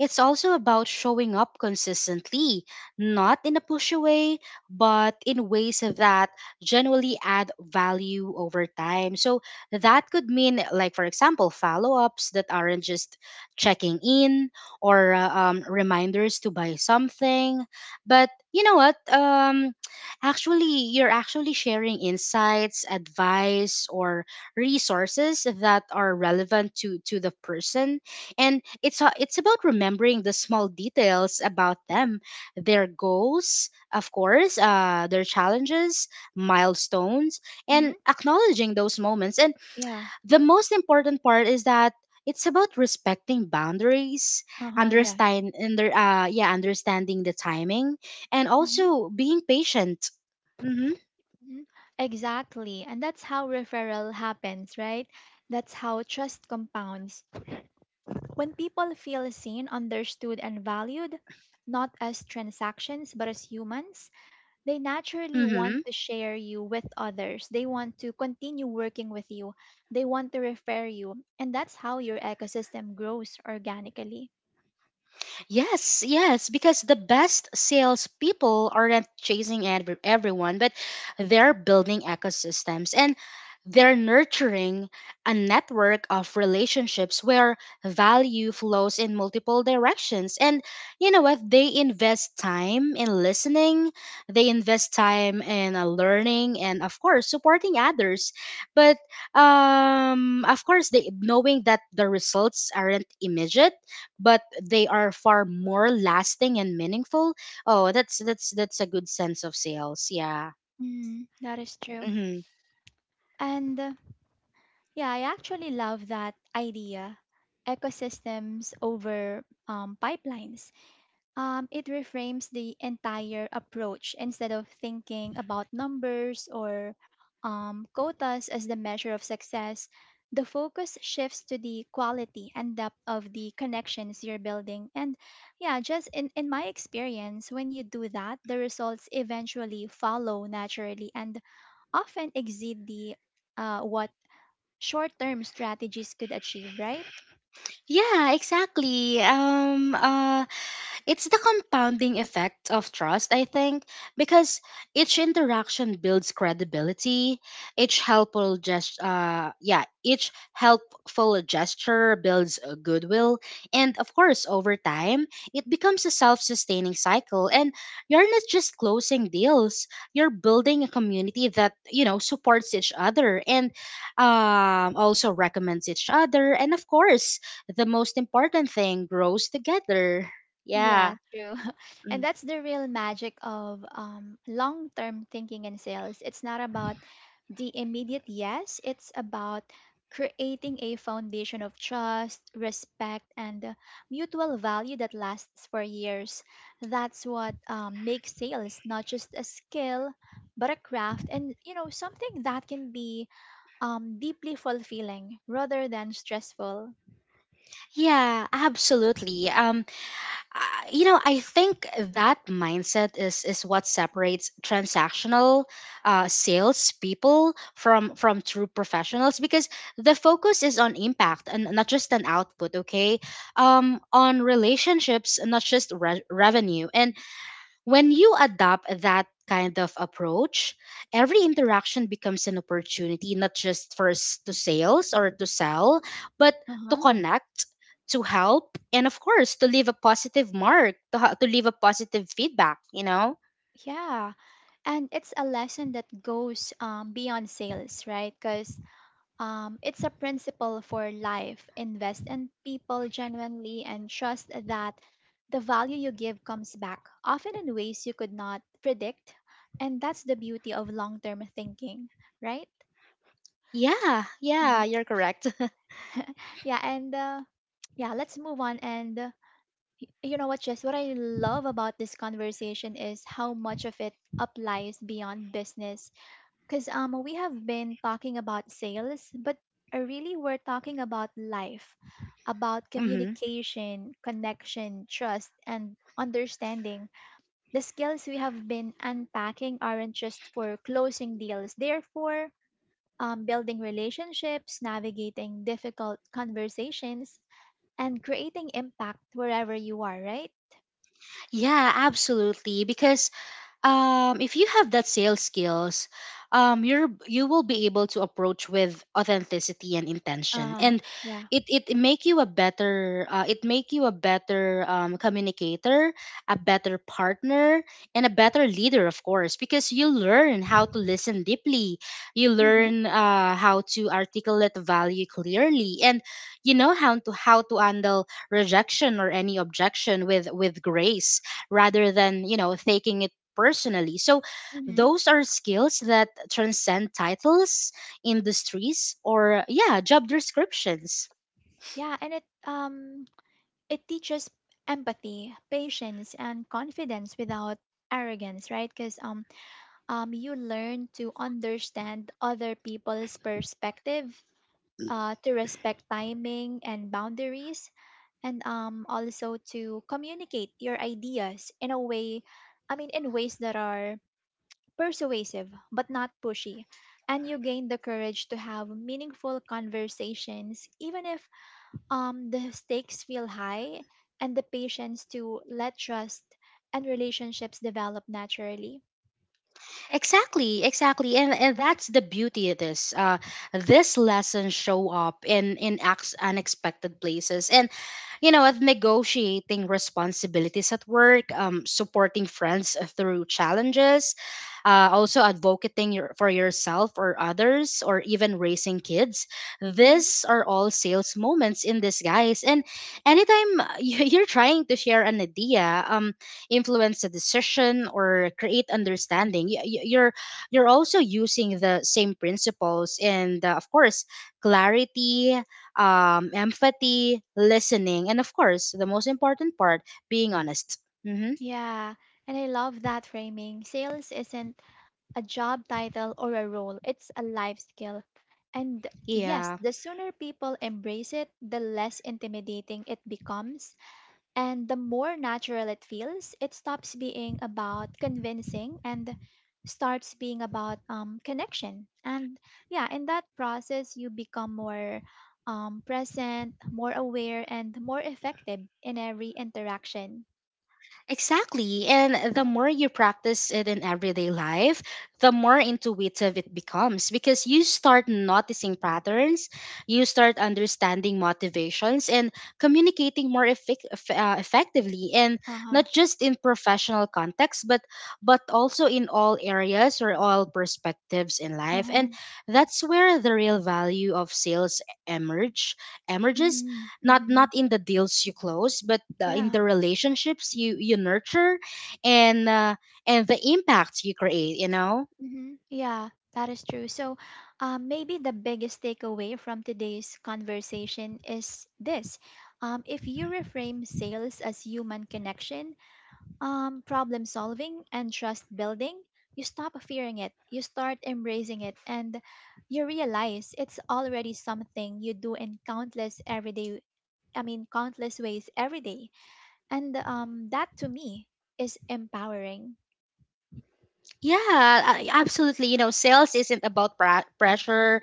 Speaker 2: it's also about showing up consistently, not in a pushy way, but in ways that generally add value over time. So that could mean, like, for example, follow ups that aren't just checking in or reminders to buy something. But you know what? Actually, you're actually sharing insights, advice, or resources that are relevant to the person, and it's about remembering the small details about them, their goals, of course, their challenges, milestones,
Speaker 1: Mm-hmm.
Speaker 2: and acknowledging those moments. And
Speaker 1: Yeah.
Speaker 2: the most important part is that. It's about respecting boundaries,
Speaker 1: Uh huh. Yeah.
Speaker 2: understanding the timing, and
Speaker 1: Mm-hmm.
Speaker 2: also being patient. Mm-hmm.
Speaker 1: Hmm. Exactly. And that's how referral happens, right? That's how trust compounds. When people feel seen, understood, and valued, not as transactions, but as humans, they naturally
Speaker 2: Mm-hmm.
Speaker 1: want to share you with others. They want to continue working with you. They want to refer you. And that's how your ecosystem grows organically.
Speaker 2: Yes, yes, because the best salespeople aren't chasing everyone, but they're building ecosystems and they're nurturing a network of relationships where value flows in multiple directions. And you know what? They invest time in listening, they invest time in learning, and of course, supporting others. But of course, they knowing that the results aren't immediate but they are far more lasting and meaningful. Oh, that's a good sense of sales. Yeah.
Speaker 1: Mm, that is true.
Speaker 2: Mm-hmm.
Speaker 1: And yeah, I actually love that idea ecosystems over pipelines. It reframes the entire approach instead of thinking about numbers or quotas as the measure of success. The focus shifts to the quality and depth of the connections you're building. And yeah, just in my experience, when you do that, the results eventually follow naturally and often exceed the what short term strategies could achieve, right?
Speaker 2: Yeah, exactly. It's the compounding effect of trust, I think, because each interaction builds credibility. Each helpful gesture builds goodwill, and of course, over time, it becomes a self-sustaining cycle. And you're not just closing deals; you're building a community that you know supports each other and also recommends each other, and of course, the most important thing grows together. Yeah.
Speaker 1: Yeah, true. And
Speaker 2: Mm.
Speaker 1: that's the real magic of long term thinking in sales. It's not about the immediate yes, it's about creating a foundation of trust, respect, and mutual value that lasts for years. That's what makes sales not just a skill, but a craft and you know something that can be deeply fulfilling rather than stressful.
Speaker 2: Yeah, absolutely. You know, I think that mindset is what separates transactional sales people from true professionals because the focus is on impact and not just an output. Okay, on relationships, not just revenue. And when you adopt that kind of approach, every interaction becomes an opportunity, not just for s- to sales or to sell, but to
Speaker 1: Uh-huh.
Speaker 2: connect, to help, and of course, to leave a positive mark, to leave a positive feedback, you know?
Speaker 1: Yeah. And it's a lesson that goes beyond sales, right? Because it's a principle for life. Invest in people genuinely and trust that the value you give comes back often in ways you could not predict, and that's the beauty of long-term thinking, right?
Speaker 2: Yeah,
Speaker 1: Mhm.
Speaker 2: yeah, you're correct.
Speaker 1: yeah and uh, yeah, let's move on. And you know what, Jess, what I love about this conversation is how much of it applies beyond business, because we have been talking about sales, but really we're talking about life, about
Speaker 2: Hmm.
Speaker 1: communication, connection, trust, and understanding. The skills we have been unpacking aren't just for closing deals, they're for building relationships, navigating difficult conversations, and creating impact wherever you are, right?
Speaker 2: Yeah, absolutely. Because if you have that sales skills, you're you will be able to approach with authenticity and intention,
Speaker 1: Uh,
Speaker 2: and
Speaker 1: yeah.
Speaker 2: it make you a better communicator, a better partner, and a better leader, of course, because you learn how to listen deeply, you
Speaker 1: Mm-hmm.
Speaker 2: learn how to articulate value clearly, and you know how to handle rejection or any objection with grace rather than you know taking it personally. So
Speaker 1: Mm-hmm.
Speaker 2: those are skills that transcend titles, industries, or yeah, job descriptions.
Speaker 1: Yeah, and it teaches empathy, patience, and confidence without arrogance, right? Because you learn to understand other people's perspective, to respect timing and boundaries, and also to communicate your ideas in a way, I mean, in ways that are persuasive but not pushy. And you gain the courage to have meaningful conversations, even if the stakes feel high, and the patience to let trust and relationships develop naturally.
Speaker 2: Exactly, exactly. And that's the beauty of this. This lessons show up in unexpected places. And you know, of negotiating responsibilities at work, supporting friends through challenges, also advocating your, for yourself or others or even raising kids.
Speaker 1: Hmm
Speaker 2: These are all sales moments in disguise. And anytime you're trying to share an idea, influence a decision or create understanding. You're also using the same principles and of course, clarity, empathy, listening, and of course the most important part, being honest. Hmm.
Speaker 1: Yeah, and I love that framing. Sales isn't a job title or a role, it's a life skill. And yes,
Speaker 2: Yeah.
Speaker 1: the sooner people embrace it, the less intimidating it becomes. And the more natural it feels, it stops being about convincing and starts being about connection. And yeah, in that process, you become more present, more aware, and more effective in every interaction.
Speaker 2: Exactly. And the more you practice it in everyday life, the more intuitive it becomes because you start noticing patterns, you start understanding motivations, and communicating more effectively. And
Speaker 1: Uh huh.
Speaker 2: not just in professional context, but also in all areas or all perspectives in
Speaker 1: Uh
Speaker 2: life.
Speaker 1: huh.
Speaker 2: And that's where the real value of sales emerge, emerges,
Speaker 1: Mm-hmm.
Speaker 2: not
Speaker 1: Mm-hmm.
Speaker 2: not in the deals you close but in
Speaker 1: Yeah.
Speaker 2: the relationships you nurture and uh, and the impact you create, you know.
Speaker 1: hmm Yeah, that is true. So, maybe the biggest takeaway from today's conversation is this: if you reframe sales as human connection, problem solving, and trust building, you stop fearing it, you start embracing it, and you realize it's already something you do in countless ways every day, and that to me is empowering.
Speaker 2: Yeah, absolutely. You know, sales isn't about pressure,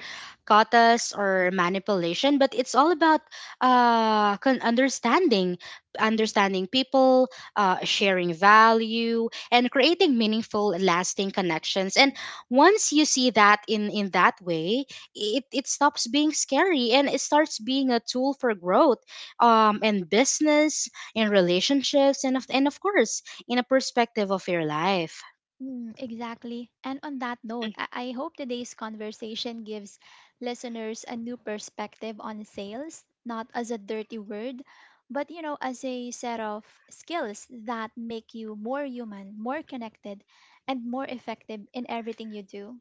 Speaker 2: quotas, or manipulation, but it's all about understanding, understanding people, sharing value, and creating meaningful, lasting connections. And once you see that in that way, it stops being scary and it starts being a tool for growth, in business, in relationships, and of course, in a perspective of your life.
Speaker 1: Mm, exactly. And on that note, I hope today's conversation gives listeners a new perspective on sales, not as a dirty word, but you know, as a set of skills that make you more human, more connected, and more effective in everything you do.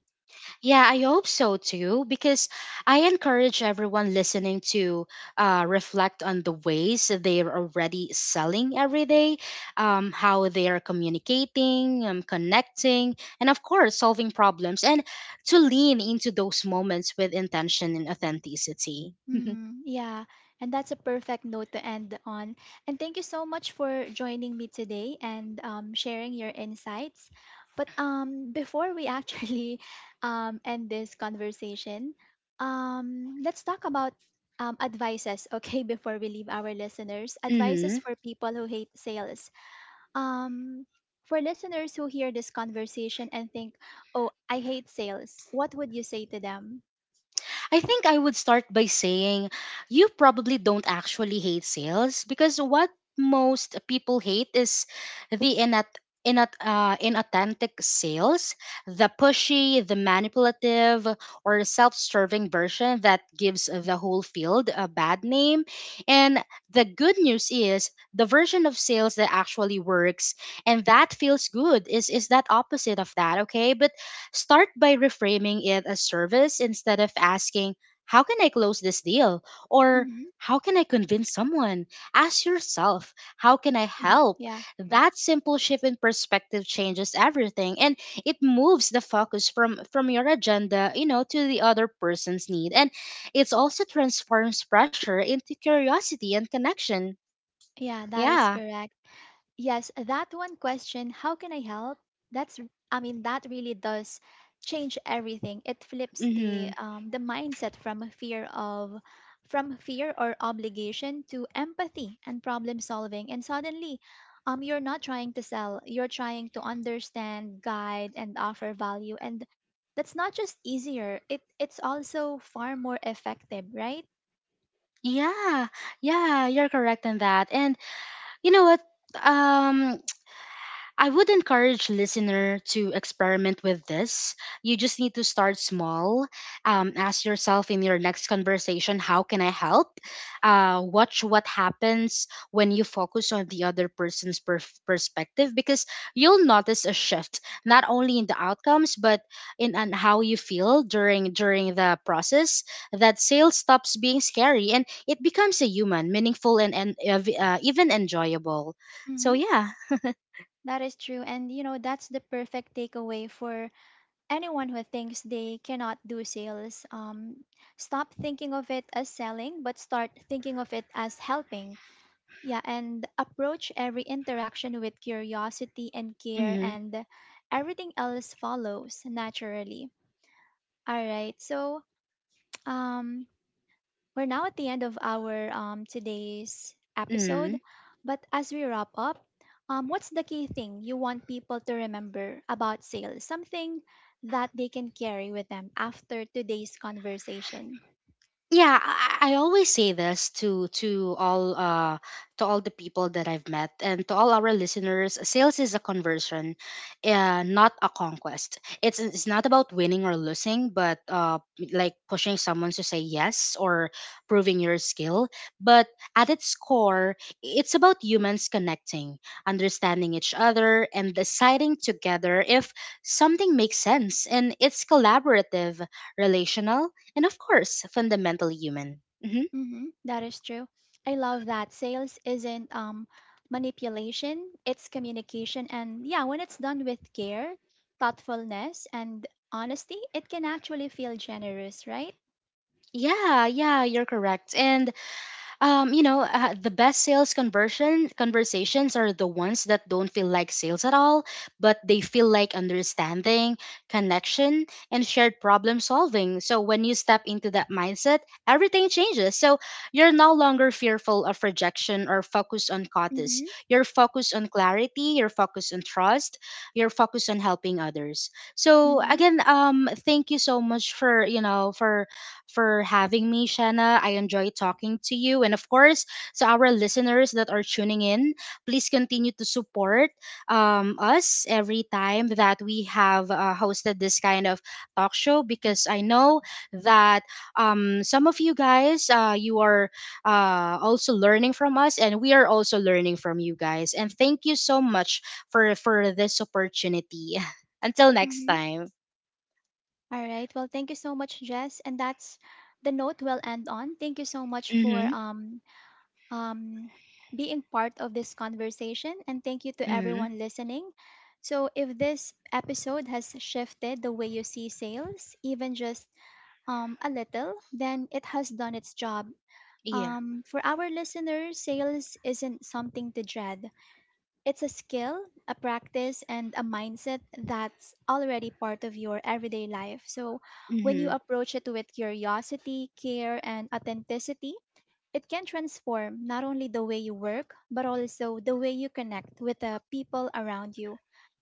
Speaker 2: Yeah, I hope so too, because I encourage everyone listening to reflect on the ways that they are already selling every day, how they are communicating, connecting, and of course, solving problems, and to lean into those moments with intention and authenticity.
Speaker 1: Mm, yeah, and that's a perfect note to end on. And thank you so much for joining me today and sharing your insights. But before we actually end this conversation, let's talk about advices, okay, before we leave our listeners. Advices
Speaker 2: Hmm.
Speaker 1: for people who hate sales. Um, for listeners who hear this conversation and think, oh, I hate sales, what would you say to them?
Speaker 2: I think I would start by saying you probably don't actually hate sales because what most people hate is the inat inat inauthentic sales, the pushy, the manipulative, or self-serving version that gives the whole field a bad name. And the good news is the version of sales that actually works and that feels good is that opposite of that, okay? But start by reframing it as service. Instead of asking, how can I close this deal? Or
Speaker 1: Hmm
Speaker 2: how can I convince someone? Ask yourself, how can I help?
Speaker 1: Yeah.
Speaker 2: That simple shift in perspective changes everything and it moves the focus from your agenda, you know, to the other person's need. And it also transforms pressure into curiosity and connection.
Speaker 1: Yeah, that is
Speaker 2: Yeah.
Speaker 1: correct. Yes, that one question, how can I help? That's, r- I mean, that really does change everything. It flips the
Speaker 2: Mm-hmm.
Speaker 1: um, the mindset from from fear or obligation to empathy and problem solving. And suddenly, you're not trying to sell. You're trying to understand, guide, and offer value. And that's not just easier. It it's also far more effective, right?
Speaker 2: Yeah, yeah, you're correct in that. And you know what? Um, I would encourage listener to experiment with this. You just need to start small. Ask yourself in your next conversation, how can I help? Watch what happens when you focus on the other person's perspective because you'll notice a shift not only in the outcomes but in on how you feel during the process. That sale stops being scary and it becomes a human, meaningful, and even enjoyable. So
Speaker 1: Mm-hmm.
Speaker 2: yeah.
Speaker 1: That is true. And you know, that's the perfect takeaway for anyone who thinks they cannot do sales. Stop thinking of it as selling, but start thinking of it as helping. Yeah, and approach every interaction with curiosity and care,
Speaker 2: Mhm.
Speaker 1: and everything else follows naturally. All right, so um, we're now at the end of our today's episode,
Speaker 2: Mm.
Speaker 1: but as we wrap up, what's the key thing you want people to remember about sales? Something that they can carry with them after today's conversation.
Speaker 2: Yeah, I always say this to all to all the people that I've met and to all our listeners. Sales is a conversion, not a conquest. It's not about winning or losing, but like pushing someone to say yes or proving your skill. But at its core, it's about humans connecting, understanding each other, and deciding together if something makes sense. And it's collaborative, relational, and of course, fundamentally human. Hmm.
Speaker 1: Mhm, that is true. I love that. Sales isn't manipulation, it's communication. And yeah, when it's done with care, thoughtfulness, and honesty, it can actually feel generous, right?
Speaker 2: Yeah, yeah, you're correct. And you know, the best sales conversion conversations are the ones that don't feel like sales at all, but they feel like understanding, connection, and shared problem solving. So when you step into that mindset, everything changes. So you're no longer fearful of rejection or focused on costs.
Speaker 1: Mm-hmm,
Speaker 2: You're focused on clarity. You're focused on trust. You're focused on helping others. So
Speaker 1: mm-hmm,
Speaker 2: again, thank you so much for you know for having me, Shanna. I enjoy talking to you. And of course, to our listeners that are tuning in, please continue to support us every time that we have hosted this kind of talk show because I know that some of you guys, you are also learning from us and we are also learning from you guys. And thank you so much for this opportunity. Until next
Speaker 1: mm-hmm.
Speaker 2: time.
Speaker 1: All right. Well, thank you so much, Jess. And that's the note we'll end on. Thank you so much for
Speaker 2: Mm-hmm.
Speaker 1: um being part of this conversation, and thank you to
Speaker 2: Mm-hmm.
Speaker 1: everyone listening. So if this episode has shifted the way you see sales, even just a little, then it has done its job.
Speaker 2: Yeah.
Speaker 1: For our listeners, sales isn't something to dread. It's a skill, a practice, and a mindset that's already part of your everyday life. So when you
Speaker 2: Mm-hmm.
Speaker 1: approach it with curiosity, care, and authenticity, it can transform not only the way you work, but also the way you connect with the people around you,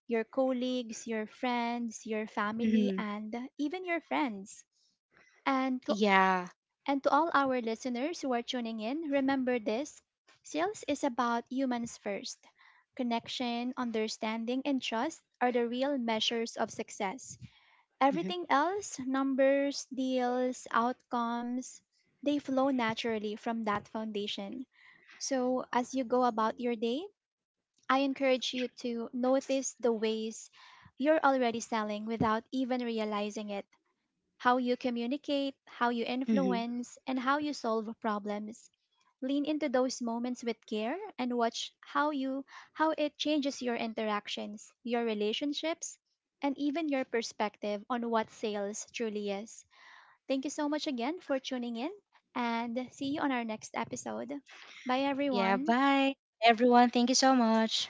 Speaker 1: your colleagues, your friends, your family,
Speaker 2: Mm-hmm.
Speaker 1: and even your friends. And to
Speaker 2: Yeah.
Speaker 1: and to all our listeners who are tuning in, remember this: sales is about humans first. Connection, understanding, and trust are the real measures of success.
Speaker 2: Hmm.
Speaker 1: Everything else, numbers, deals, outcomes, they flow naturally from that foundation. So, as you go about your day, I encourage you to notice the ways you're already selling without even realizing it, how you communicate, how you
Speaker 2: Hmm.
Speaker 1: influence, and how you solve problems. Lean into those moments with care and watch how it changes your interactions, your relationships, and even your perspective on what sales truly is. Thank you so much again for tuning in and see you on our next episode. Bye
Speaker 2: Yeah.
Speaker 1: everyone.
Speaker 2: Bye, everyone. Thank you so much.